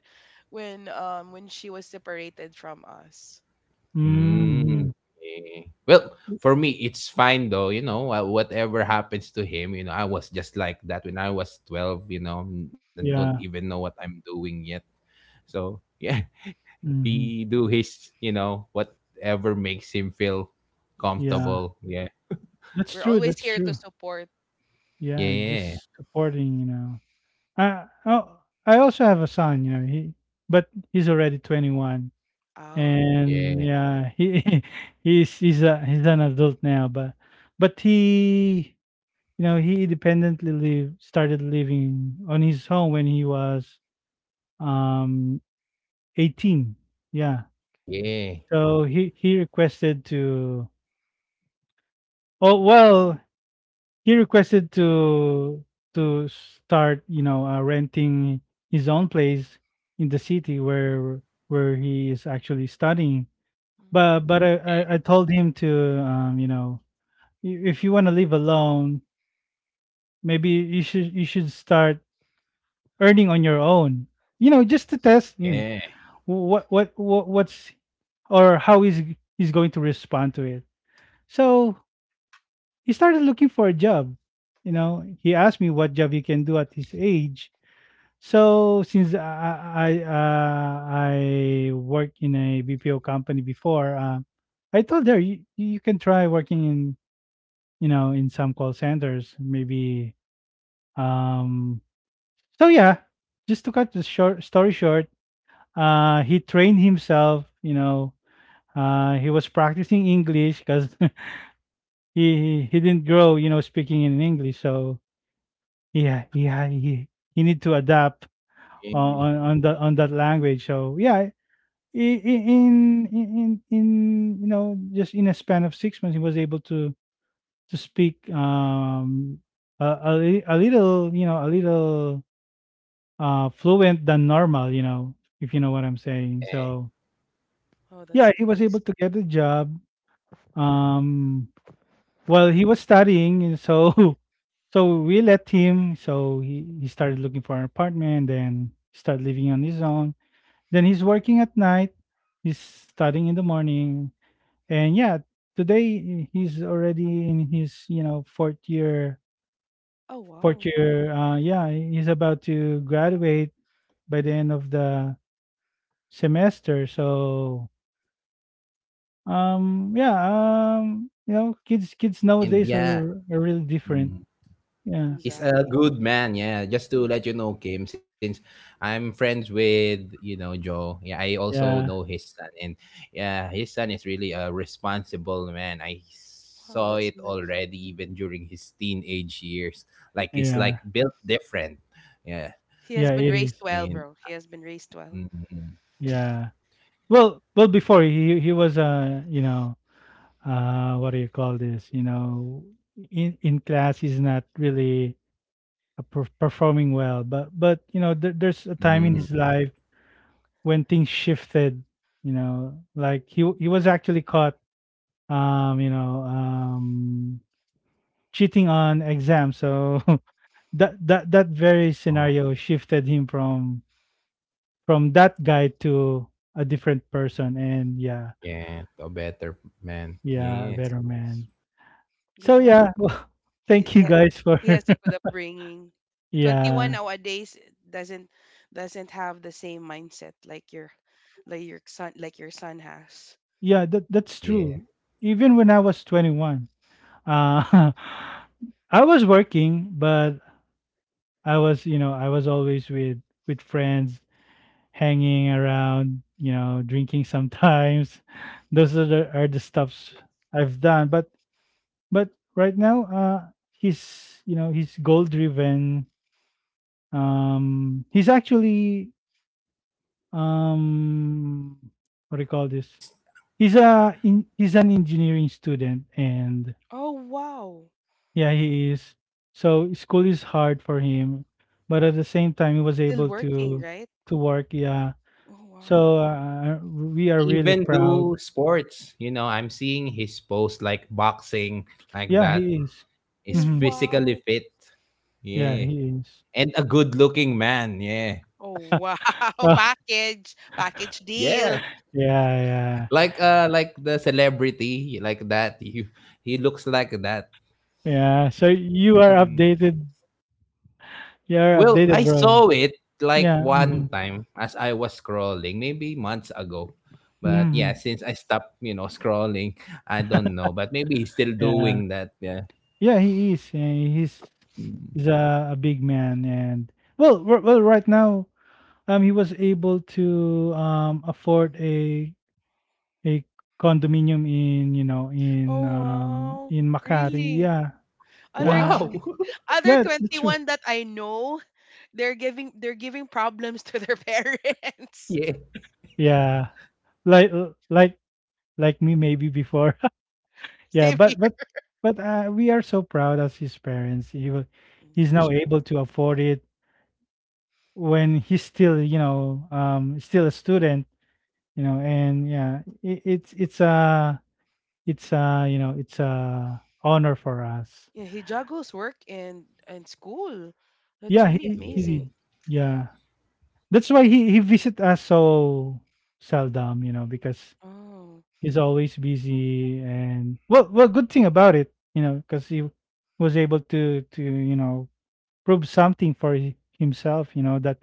Speaker 3: when when she was separated from us.
Speaker 2: Mm,
Speaker 1: mhm.
Speaker 2: yeah. Well, for me, it's fine though. You know, whatever happens to him, you know, I was just like that when I was 12. You know, don't
Speaker 1: Yeah.
Speaker 2: even know what I'm doing yet. So (laughs) yeah,
Speaker 1: Mhm.
Speaker 2: he do his, you know, whatever makes him feel
Speaker 3: Yes,
Speaker 1: Yeah.
Speaker 2: comfortable. Yeah,
Speaker 1: That's
Speaker 3: we're
Speaker 1: true.
Speaker 3: always
Speaker 1: That's
Speaker 3: here to
Speaker 1: true.
Speaker 3: support.
Speaker 1: Yeah,
Speaker 2: yeah,
Speaker 1: just supporting, you know. I Oh, I also have a son, you know. He But he's already 21,
Speaker 3: Oh,
Speaker 1: and
Speaker 2: yeah,
Speaker 1: yeah, he (laughs) he's an adult now, but he you know he independently live, started living on his own when he was um 18, yeah.
Speaker 3: oh,
Speaker 2: yeah,
Speaker 1: So he requested to, oh well, he requested to start, you know, renting his own place in the city where he is actually studying.
Speaker 3: mm,
Speaker 1: But
Speaker 2: yeah,
Speaker 1: I told him to, you know, "I- if you want to live alone, maybe you should, start earning on your own. You know,
Speaker 3: yeah.
Speaker 1: just to test him.
Speaker 2: yeah.
Speaker 1: What's or how is he's going to respond to it." So he started looking for a job. You know, he asked me what job he can do at his age. So since I worked in a BPO company before, I told her you, you can try working in, you know, in some call centers maybe. Um, so yeah, just to cut the short story short, he trained himself. You know, he was practicing English because (laughs) he didn't grow, you know, speaking in English. So yeah, he need to adapt on that on that language. So yeah, i- in in in in, you know, just in a span of 6 months, he was able to speak a little, you know, a little fluent than normal. You know, if you know what I'm saying. So
Speaker 3: Oh,
Speaker 1: yeah,
Speaker 3: that's
Speaker 1: he was able
Speaker 3: nice.
Speaker 1: to get a job. Um, well, he was studying, and so (laughs) so we let him. So he started looking for an apartment, then started living on his own. Then he's working at night. He's studying in the morning, and yeah, today, he's already in his, you know, fourth year.
Speaker 3: Oh,
Speaker 1: Fourth
Speaker 3: wow,
Speaker 1: year, yeah, he's about to graduate by the end of the semester. So yeah, you know, kids
Speaker 2: And
Speaker 1: nowadays
Speaker 2: yeah,
Speaker 1: are really different.
Speaker 2: mm,
Speaker 1: Yeah,
Speaker 2: he's a
Speaker 3: exactly.
Speaker 2: good man. Yeah, just
Speaker 3: Yeah.
Speaker 2: to let you know, Kim, since I'm friends with you know Joe. Yeah, I also
Speaker 1: yeah,
Speaker 2: know his son, and yeah, his son is really a responsible man. I
Speaker 3: Wow,
Speaker 2: saw it
Speaker 3: that's nice.
Speaker 2: already even during his teenage years. Like it's
Speaker 1: yeah,
Speaker 2: like built different. Yeah.
Speaker 3: He has
Speaker 1: yeah,
Speaker 3: been
Speaker 1: it
Speaker 3: raised
Speaker 1: is.
Speaker 2: And
Speaker 3: well, bro. He has been raised well.
Speaker 2: Mm,
Speaker 1: Yeah. Well, before he was you know, what do you call this? You know, in class he's not really performing well, but there's a
Speaker 2: mm,
Speaker 1: time in his life when things shifted. You know, like he was actually caught you know cheating on exams, so (laughs) that very
Speaker 2: oh,
Speaker 1: scenario shifted him from that guy to a different person. And yeah,
Speaker 2: yeah, a better man.
Speaker 1: yeah,
Speaker 2: Yeah,
Speaker 1: a
Speaker 3: That's
Speaker 1: better man.
Speaker 3: good
Speaker 1: So
Speaker 3: job.
Speaker 1: yeah, (laughs) well,
Speaker 3: he
Speaker 1: thank
Speaker 3: he
Speaker 1: you
Speaker 3: ha-
Speaker 1: guys for
Speaker 3: he has a good
Speaker 1: (laughs)
Speaker 3: upbringing. 21
Speaker 1: yeah,
Speaker 3: nowadays doesn't doesn't have the same mindset like your like your son has.
Speaker 1: yeah, that's
Speaker 2: yeah.
Speaker 1: true. Even when I was 21, uh (laughs) I was working, but I was, you know, I was always with friends, hanging around, you know, drinking sometimes. (laughs) Those are are the stuffs I've done, but but right now, he's, you know, he's goal driven. He's actually, um, what do you call this?
Speaker 2: He's
Speaker 1: He's an engineering student, and
Speaker 3: Oh wow,
Speaker 1: yeah, he is. So school is hard for him, but at the same time, he was
Speaker 3: still
Speaker 1: able
Speaker 3: working,
Speaker 1: to
Speaker 3: right?
Speaker 1: work. Yeah,
Speaker 3: Oh wow.
Speaker 1: so we
Speaker 2: he
Speaker 1: are really
Speaker 2: even
Speaker 1: proud.
Speaker 2: do sports. You know, I'm seeing his post like boxing, like
Speaker 1: Yeah,
Speaker 2: that.
Speaker 1: he is.
Speaker 2: He's
Speaker 3: W-
Speaker 1: Hmm.
Speaker 2: physically
Speaker 3: wow,
Speaker 2: fit.
Speaker 1: Yeah,
Speaker 2: Yeah,
Speaker 1: he is. (laughs)
Speaker 2: and a good-looking man. Yeah,
Speaker 3: oh wow, (laughs)
Speaker 1: Oh,
Speaker 3: package deal.
Speaker 2: yeah.
Speaker 1: yeah,
Speaker 2: Like the celebrity, like that. (laughs) He looks like that.
Speaker 1: yeah, yeah. So you are
Speaker 2: Mm-hmm.
Speaker 1: updated. You are
Speaker 2: Well,
Speaker 1: updated,
Speaker 2: I
Speaker 1: bro.
Speaker 2: saw it like
Speaker 1: Yeah.
Speaker 2: one
Speaker 1: Mm-hmm.
Speaker 2: time as I was scrolling, maybe months ago. But
Speaker 1: Hmm.
Speaker 2: yeah, since I stopped, you know, scrolling, I don't know. But maybe he's still
Speaker 1: Yeah.
Speaker 2: doing that. Yeah.
Speaker 1: Yeah, he is.
Speaker 2: Mm.
Speaker 1: A big man. And well, right now, he was able to afford a condominium in, you know, in,
Speaker 3: Oh wow,
Speaker 1: in Makati.
Speaker 3: really?
Speaker 1: Yeah,
Speaker 3: Other
Speaker 1: uh,
Speaker 2: Wow.
Speaker 3: other
Speaker 1: yeah, that's
Speaker 3: twenty
Speaker 1: true.
Speaker 3: one that I know, they're giving problems to their (laughs)
Speaker 2: (laughs)
Speaker 3: parents.
Speaker 2: yeah.
Speaker 1: Yeah, like like me maybe before. (laughs) Yeah,
Speaker 3: Same here.
Speaker 1: but we are so proud as his parents.
Speaker 3: Yeah,
Speaker 1: He's
Speaker 3: you
Speaker 1: now
Speaker 3: should.
Speaker 1: able to afford it when he's still, you know, still a student, you know. And yeah, it's you know, it's a honor for us.
Speaker 3: Yeah, he juggles work and school. That's
Speaker 1: Yeah,
Speaker 3: really
Speaker 1: he
Speaker 3: amazing.
Speaker 1: did.
Speaker 2: Yeah.
Speaker 1: Yeah, that's why he visit us so seldom, you know, because
Speaker 3: Oh,
Speaker 1: he's always busy. And well, good thing about it, you know, because he was able to you know prove something for himself, you know, that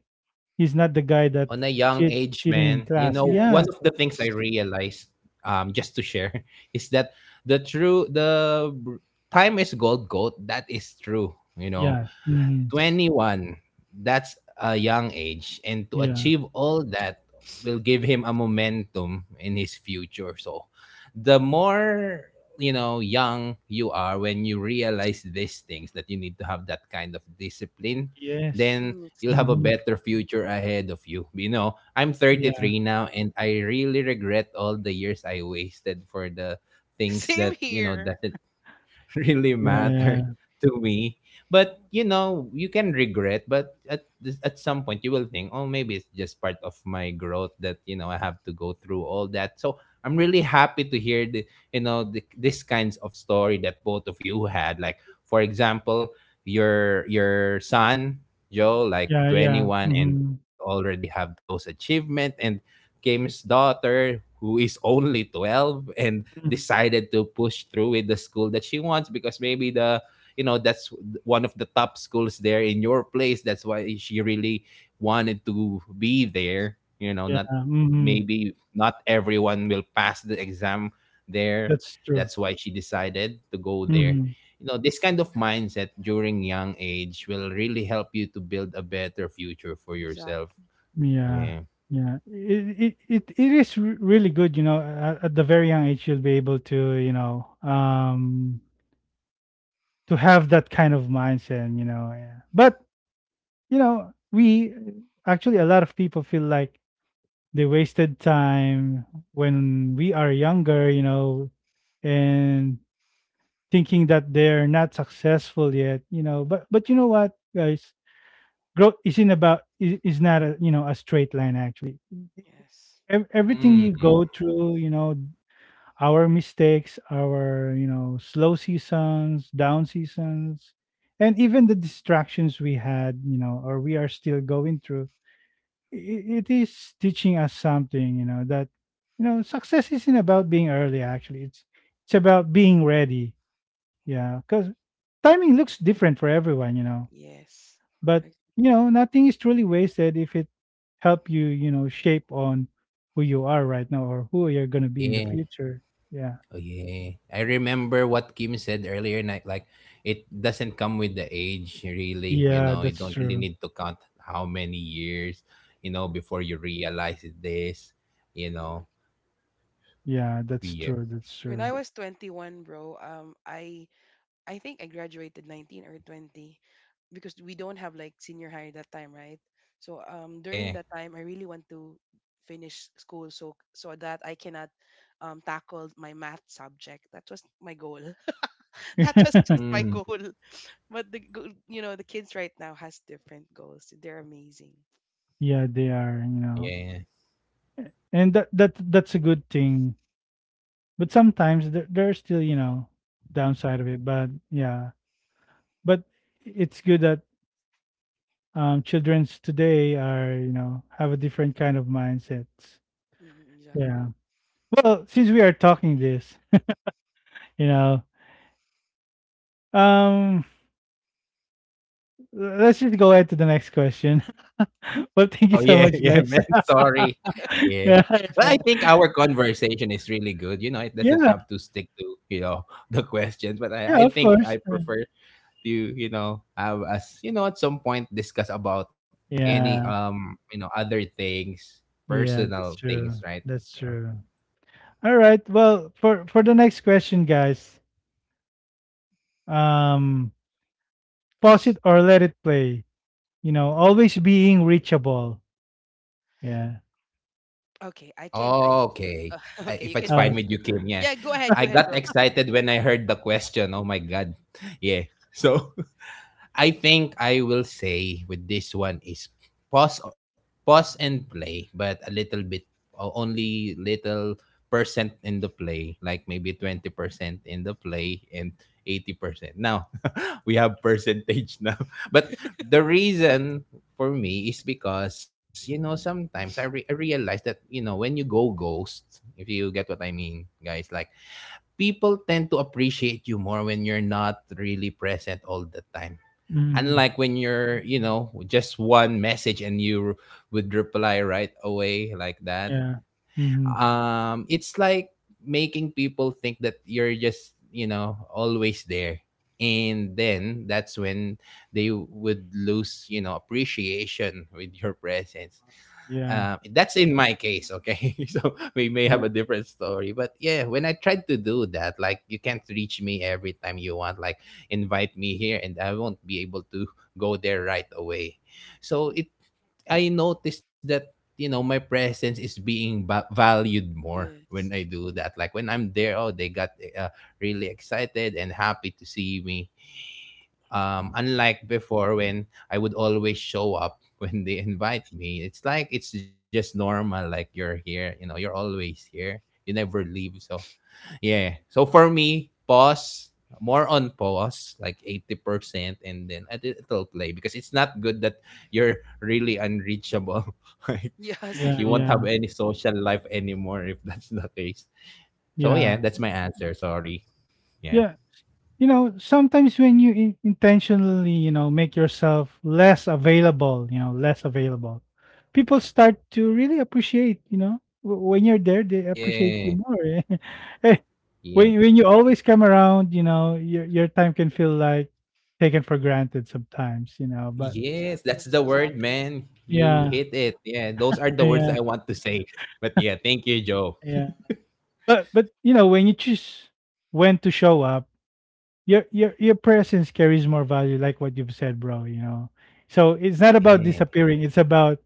Speaker 1: he's not the
Speaker 2: On a
Speaker 1: guy that
Speaker 2: young age, man,
Speaker 1: cheating
Speaker 2: you
Speaker 1: in
Speaker 2: know, one
Speaker 1: class.
Speaker 2: of the
Speaker 1: Yeah.
Speaker 3: yes,
Speaker 2: things I realized, just to share, (laughs) is that the true the br- time is gold. That is true. You know,
Speaker 1: Yeah. Hmm.
Speaker 3: yes,
Speaker 2: 21, that's a young age, and to
Speaker 1: Yeah.
Speaker 2: achieve all that will give him a momentum in his future. So the more, you know, young you are when you realize these things that you need to have that kind of discipline,
Speaker 1: Yes.
Speaker 2: then
Speaker 3: mm, it's
Speaker 2: you'll
Speaker 3: true.
Speaker 2: have a
Speaker 1: Hmm.
Speaker 2: better future ahead of you. You know, I'm
Speaker 1: yeah
Speaker 2: 33 now, and I really regret all the years I wasted for the
Speaker 3: (laughs)
Speaker 2: things
Speaker 3: Same
Speaker 2: that you know
Speaker 3: here.
Speaker 2: that (laughs) really mattered
Speaker 1: yeah.
Speaker 2: to me. But you know, you can regret, but at this, at some point you will think, oh, maybe it's just part of my growth that you know I have to go through all that. So I'm really happy to hear the you know this kinds of story that both of you had. Like for example, your son
Speaker 3: Mm,
Speaker 2: Joe, like
Speaker 1: Yeah,
Speaker 2: 21 and
Speaker 1: mhm,
Speaker 2: already have those achievement, and Kim's daughter who is only 12 and
Speaker 1: mhm,
Speaker 2: decided to push through with the school that she wants because maybe the you know that's one of the top schools there in your place, that's why she really wanted to be there, you know,
Speaker 1: yeah,
Speaker 2: not
Speaker 1: mhm,
Speaker 2: maybe not everyone will pass the exam there,
Speaker 1: that's true,
Speaker 2: that's why she decided to go there,
Speaker 1: mhm,
Speaker 2: you know. This kind of mindset during young age will really help you to build a better future for
Speaker 3: exact.
Speaker 2: yourself.
Speaker 1: yeah,
Speaker 2: yeah
Speaker 1: yeah, it is r really good, you know, at the very young age, you'll be able to, you know, to have that kind of mindset, you know, yeah. But, you know, we actually, a lot of people feel like they wasted time when we are younger, you know, and thinking that they're not successful yet, you know, but you know what, guys? Growth isn't about is not a, you know, a straight line, actually.
Speaker 3: Yes,
Speaker 1: Everything you
Speaker 2: mm,
Speaker 1: go through, you know, our mistakes, our, you know, slow seasons, down seasons, and even the distractions we had, you know, or we are still going through, it is teaching us something, you know. That, you know, success isn't about being early, actually. It's about being ready. Yeah, because timing looks different for everyone, you know.
Speaker 3: yes.
Speaker 1: But,
Speaker 3: I,
Speaker 1: you know, nothing is truly wasted if it help you, you know, shape on who you are right now or who you're going to be in the
Speaker 2: yeah
Speaker 1: future. Yeah.
Speaker 2: Oh yeah. I
Speaker 3: I agree.
Speaker 2: remember what Kim said earlier night, like it doesn't come with the age really, you
Speaker 1: Yeah,
Speaker 2: know, you
Speaker 1: that's
Speaker 2: don't really
Speaker 1: true.
Speaker 2: need to count how many years, you know, before you realize this, you
Speaker 3: Exact.
Speaker 2: know.
Speaker 1: Yeah, that's
Speaker 2: Yeah.
Speaker 1: true. That's
Speaker 3: When I
Speaker 1: true.
Speaker 3: was 21, bro, I think I graduated 19 or 20, because we don't have like senior high that time, right? So
Speaker 2: Yeah.
Speaker 3: during that time I really want to finish school so that I cannot tackle my math subject. That was my goal. (laughs) That was just
Speaker 1: (laughs)
Speaker 3: my goal.
Speaker 2: Mm,
Speaker 3: But you know, the kids right now has different goals. They're amazing.
Speaker 1: Yeah, they are, you
Speaker 2: wow,
Speaker 1: know.
Speaker 2: yeah.
Speaker 1: And that's a good thing. But sometimes there's still, you know, downside of it. But yeah. But it's good that children's today are, you know, have a different kind of mindsets.
Speaker 3: Mm, exactly.
Speaker 1: Yeah. Well, since we are talking this, you know. Um, let's just go ahead to the next question. (laughs) Well,
Speaker 2: Oh
Speaker 1: thank
Speaker 2: yeah,
Speaker 1: you
Speaker 2: (laughs)
Speaker 1: so
Speaker 2: yeah,
Speaker 1: much,
Speaker 2: man.
Speaker 1: guys.
Speaker 2: Sorry.
Speaker 1: (laughs)
Speaker 2: Yeah.
Speaker 1: yeah,
Speaker 2: But I
Speaker 1: yeah,
Speaker 2: think
Speaker 1: yeah,
Speaker 2: our conversation is really good. You know, it doesn't have
Speaker 1: yeah,
Speaker 2: to stick to, you know, (laughs) the questions. But I,
Speaker 1: yeah,
Speaker 2: I
Speaker 1: of
Speaker 2: think
Speaker 1: course.
Speaker 2: I prefer to you know have us, you know, at some point discuss about any
Speaker 1: Yeah,
Speaker 2: you know other things,
Speaker 1: yeah,
Speaker 2: personal
Speaker 1: that's
Speaker 2: things,
Speaker 1: true.
Speaker 2: right?
Speaker 1: That's
Speaker 2: Yeah.
Speaker 1: true. All right. Well, for the next question, guys, um, pause it or let it play. You know, always being reachable. Yeah.
Speaker 3: Okay, I can I
Speaker 2: Okay.
Speaker 3: (laughs) okay,
Speaker 2: If
Speaker 3: you
Speaker 2: it's
Speaker 3: can do
Speaker 1: Uh.
Speaker 2: fine
Speaker 3: y-
Speaker 2: with you, Kim. Yeah,
Speaker 3: Yeah, go
Speaker 2: I
Speaker 3: ahead,
Speaker 2: got
Speaker 3: bro.
Speaker 2: excited when I heard the question, oh my god. Yeah. So (laughs) I think I will say with this one is pause pause and play, but a little bit only little percent in the play, like maybe 20% in the play and 80% now. We have percentage now. (laughs) But the reason for me is because you know sometimes I realize that you know when you go ghost, if you get what I mean, guys, like people tend to appreciate you more when you're not really present all the time.
Speaker 1: Mm-hmm.
Speaker 2: Unlike when you're, you know, just one message and you would reply right away like that,
Speaker 1: Yeah. Mm-hmm.
Speaker 2: it's like making people think that you're just, you know, always there. And then that's when they would lose, you know, appreciation with your presence.
Speaker 1: Yeah.
Speaker 2: That's in my case, okay. (laughs) So we may have a
Speaker 1: Yeah.
Speaker 2: different story, but yeah, when I tried to do that, like you can't reach me every time you want, like invite me here and I won't be able to go there right away. So
Speaker 3: Yeah.
Speaker 2: it, I noticed that, you know, my presence is being valued more when
Speaker 3: Yes.
Speaker 2: I
Speaker 3: Tr-
Speaker 2: do that. Like when I'm there, oh, they got uh, really excited and happy to see me. Unlike before when I would always show up (laughs) when they invite me. It's like it's just normal. Like you're here, you know, you're always here. You never leave. So yeah. So for me, pause, more on pause, like 80%, and then it'll play because it's not good that you're really unreachable. (laughs) Like,
Speaker 3: (laughs) yes,
Speaker 2: you
Speaker 1: Yeah.
Speaker 2: won't
Speaker 3: true.
Speaker 2: have
Speaker 1: Yeah.
Speaker 2: any social life anymore if that's the case. So, yeah,
Speaker 1: Yeah.
Speaker 2: that's my answer. Sorry. Yeah.
Speaker 1: Yeah. You know, sometimes when you intentionally, you know, make yourself less available, you know, less available, people start to really appreciate, you know, when you're there they appreciate
Speaker 2: Yeah.
Speaker 1: you more. (laughs) Eh,
Speaker 2: Yeah.
Speaker 1: when, you always come around, you know, your time can feel like taken for granted sometimes, you know. But
Speaker 2: Yes, that's
Speaker 3: Exactly.
Speaker 2: the word,
Speaker 3: Exactly.
Speaker 2: man. You
Speaker 1: yeah,
Speaker 2: hit it. Yeah, those are the words that
Speaker 1: yeah,
Speaker 2: I want to say. But yeah, thank you, Joe.
Speaker 1: yeah. But you know, when you choose when to show up, your presence carries more value, like what you've said, bro, you know. So it's not about
Speaker 2: Yeah.
Speaker 1: disappearing, it's about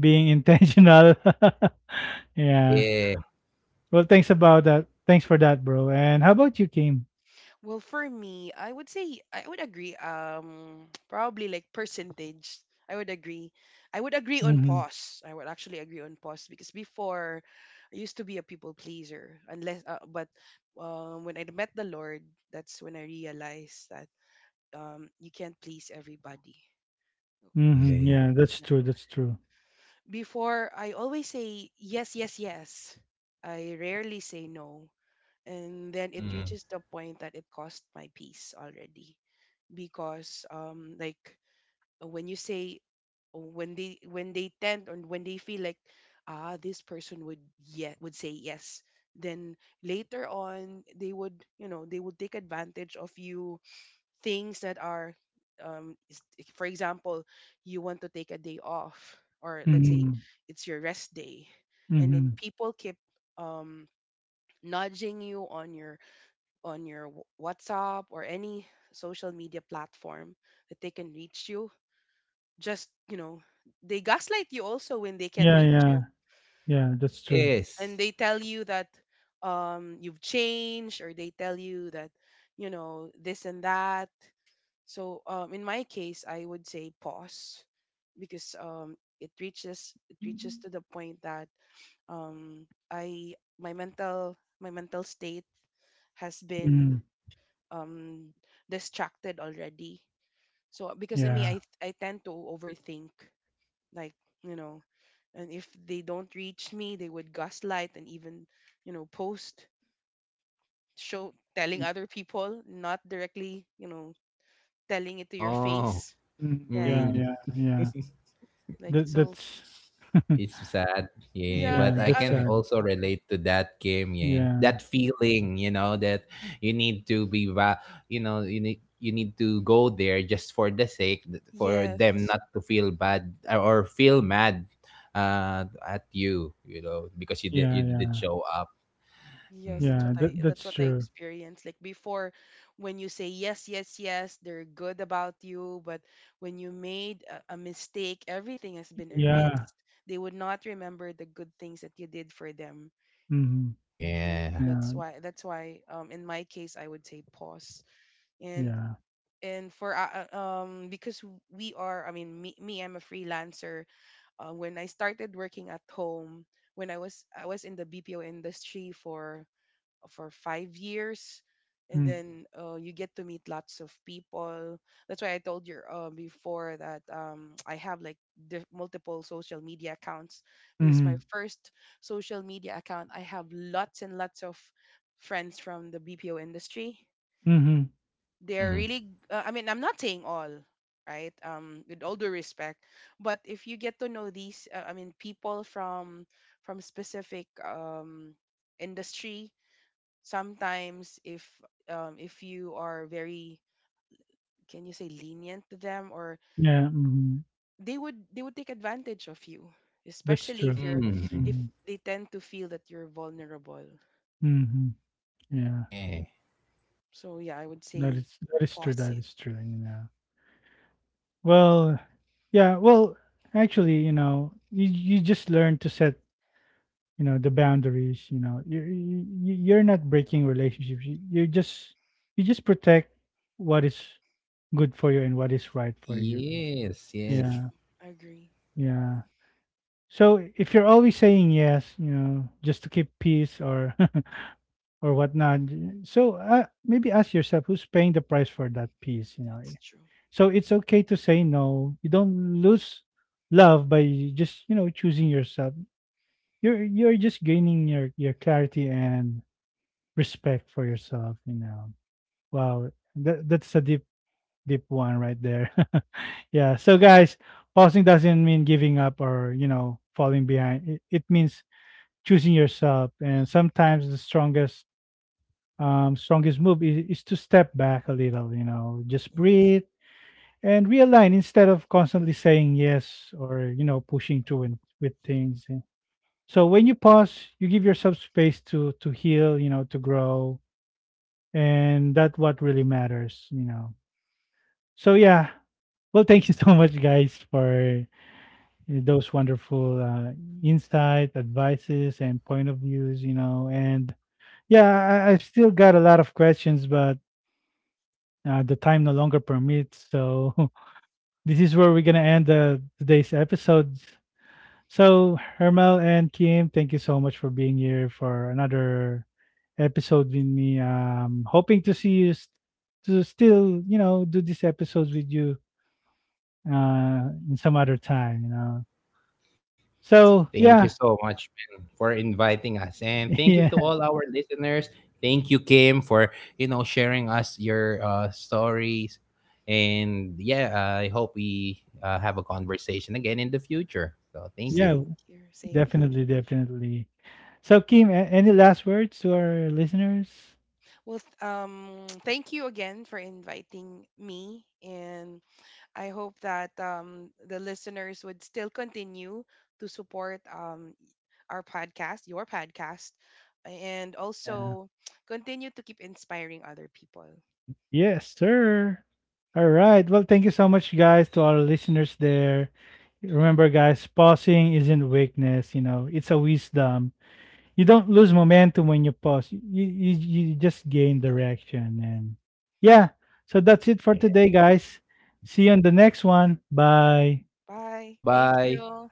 Speaker 1: being intentional. (laughs) Yeah.
Speaker 2: Yeah.
Speaker 1: Well, thanks about that, thanks for that, bro. And how about you, Kim?
Speaker 3: Well, for me, I would say I would agree. (tsk) Probably like percentage. I would agree. I would agree on
Speaker 1: Mm-hmm.
Speaker 3: pause. I would actually agree on pause because before I used to be a people pleaser. Unless, but when I met the Lord, that's when I realized that you can't please everybody.
Speaker 1: Mm-hmm.
Speaker 2: Yeah.
Speaker 1: Yeah, that's true,
Speaker 3: No.
Speaker 1: that's true.
Speaker 3: Before, I always say yes, yes, yes. I rarely say no, and then it
Speaker 2: Mm.
Speaker 3: reaches the point that it cost my peace already because when you say when they tend and when they feel like ah this person would yeah would say yes, then later on they would, you know, they would take advantage of you. Things that are um is- for example, you want to take a day off, or let's say
Speaker 1: Mm-hmm.
Speaker 3: it's your rest day, and then
Speaker 1: Mm-hmm.
Speaker 3: people keep um nudging you on your WhatsApp or any social media platform that they can reach you. Just, you know, they gaslight you also when they can't
Speaker 1: Yeah,
Speaker 3: reach
Speaker 1: yeah,
Speaker 3: you.
Speaker 1: yeah, that's true.
Speaker 3: And
Speaker 2: Yes.
Speaker 3: they tell you that you've changed, or they tell you that, you know, this and that. So in my case, I would say pause because it reaches to the point that I my mental state has been
Speaker 1: Mm-hmm.
Speaker 3: um distracted already. So because I mean
Speaker 1: Yeah.
Speaker 3: I tend to overthink, like, you know, and if they don't reach me, they would gaslight and even, you know, post show, telling other people, not directly, you know, telling it to your
Speaker 2: Oh.
Speaker 3: face,
Speaker 1: Mm-hmm.
Speaker 3: right,
Speaker 1: Yeah,
Speaker 2: Mm,
Speaker 1: yeah, yeah,
Speaker 3: like. So
Speaker 1: that's (laughs)
Speaker 2: it's sad. Yeah,
Speaker 3: yeah,
Speaker 2: but
Speaker 1: yeah,
Speaker 3: yeah,
Speaker 2: I
Speaker 1: that's
Speaker 3: other,
Speaker 2: can
Speaker 1: sad.
Speaker 2: also relate to that game, yeah.
Speaker 1: Yeah,
Speaker 2: That feeling, you know, that you need to be you know, you need to go there just for the sake for them
Speaker 3: yes.
Speaker 2: not to feel bad or feel mad at you, you know, because you did
Speaker 1: yeah,
Speaker 2: you didn't
Speaker 1: yeah,
Speaker 2: show up.
Speaker 3: Yes,
Speaker 2: Mm.
Speaker 3: that's
Speaker 1: yeah,
Speaker 3: what I
Speaker 1: that's true.
Speaker 3: experienced. Like before, when you say yes, yes, yes, they're good about you, but when you made a mistake, everything has been
Speaker 1: Yeah.
Speaker 3: erased. They would not remember the good things that you did for them.
Speaker 1: Mhm.
Speaker 3: Yeah,
Speaker 2: Yeah.
Speaker 1: Yeah,
Speaker 3: that's why in my case I would say pause. And
Speaker 1: yeah.
Speaker 3: and for because we are, I mean me, I'm a freelancer. When I started working at home, when I was in the BPO industry for 5 years, and
Speaker 1: Mm.
Speaker 3: then you get to meet lots of people. That's why I told you before that, (tsk) I have like multiple social media accounts because my
Speaker 1: Mhm.
Speaker 3: first social media account, I have lots and lots of friends from the BPO industry.
Speaker 1: Mhm.
Speaker 3: They're
Speaker 2: Mm.
Speaker 3: really I mean, I'm not saying all right, with all due respect, but if you get to know these I mean people from specific industry, sometimes if you are very, can you say, lenient to them, or
Speaker 1: Yeah, mhm.
Speaker 3: they would take advantage of you,
Speaker 1: That's
Speaker 3: especially
Speaker 1: true.
Speaker 3: if you're
Speaker 2: Mm.
Speaker 3: if
Speaker 1: Mhm.
Speaker 3: they tend to feel that you're vulnerable.
Speaker 1: Mhm. Yeah.
Speaker 2: Yeah.
Speaker 3: So yeah, I would
Speaker 1: That
Speaker 3: say
Speaker 1: is,
Speaker 3: pause
Speaker 1: that
Speaker 3: it.
Speaker 1: is true, you know. Well, yeah, well, actually, you know, you just learn to set, you know, the boundaries, you know. You're not breaking relationships. You just protect what is good for you and what is right for you.
Speaker 2: Yes,
Speaker 3: That's
Speaker 2: yes.
Speaker 1: Yeah.
Speaker 3: true. I agree.
Speaker 1: Yeah. So if you're always saying yes, you know, just to keep peace, or (laughs) or whatnot, so maybe ask yourself who's paying the price for that peace, you know.
Speaker 3: That's true.
Speaker 1: So it's okay to say no. You don't lose love by just, you know, choosing yourself. You're just gaining your clarity and respect for yourself, you know. Wow, that that's a deep one right there. (laughs) Yeah. So guys, pausing doesn't mean giving up or, you know, falling behind. It means choosing yourself, and sometimes the strongest move is to step back a little, you know, just
Speaker 3: Yes.
Speaker 1: breathe and realign instead of constantly saying yes or, you know, pushing through and with things. And so when you pause, you give yourself space to heal, you know, to grow. And that's what really matters, you know. So yeah, well, thank you (laughs) so much, guys, for those wonderful insight, advices, and point of views, you know. And yeah, I've still got a lot of questions, but the time no longer permits. So (laughs) this is where we're gonna end today's episode. So Hermel and Kim, thank you so much for being here for another episode with me. Hoping to see you, s to still, you know, do these episodes with you, in some other time, you know.
Speaker 3: Same,
Speaker 1: So
Speaker 2: Thank you
Speaker 1: yeah,
Speaker 2: so much, Ben, for inviting us. And
Speaker 1: (laughs)
Speaker 2: thank you
Speaker 1: yeah,
Speaker 2: to all our listeners. Thank you, Kim, for, you know, sharing us your stories. And yeah, I hope we have a conversation again in the future. So thank you.
Speaker 1: yeah,
Speaker 3: same here, same here.
Speaker 1: definitely, definitely. So Kim, any last words to our listeners?
Speaker 3: Well (tsk) thank you again for inviting me, and I hope that the listeners would still continue to support our podcast, your podcast, and
Speaker 1: Yeah.
Speaker 3: also continue to keep inspiring other people.
Speaker 1: Yes, sir. All right. Well, thank you so much, guys, to our listeners there. Remember, guys, pausing isn't weakness. You know, it's a wisdom. You don't lose momentum when you pause. You just gain direction. And yeah, so that's it for
Speaker 2: Yeah.
Speaker 1: today, guys. See you on the next one. Bye.
Speaker 3: Bye. Thank
Speaker 2: Bye-bye.
Speaker 3: you.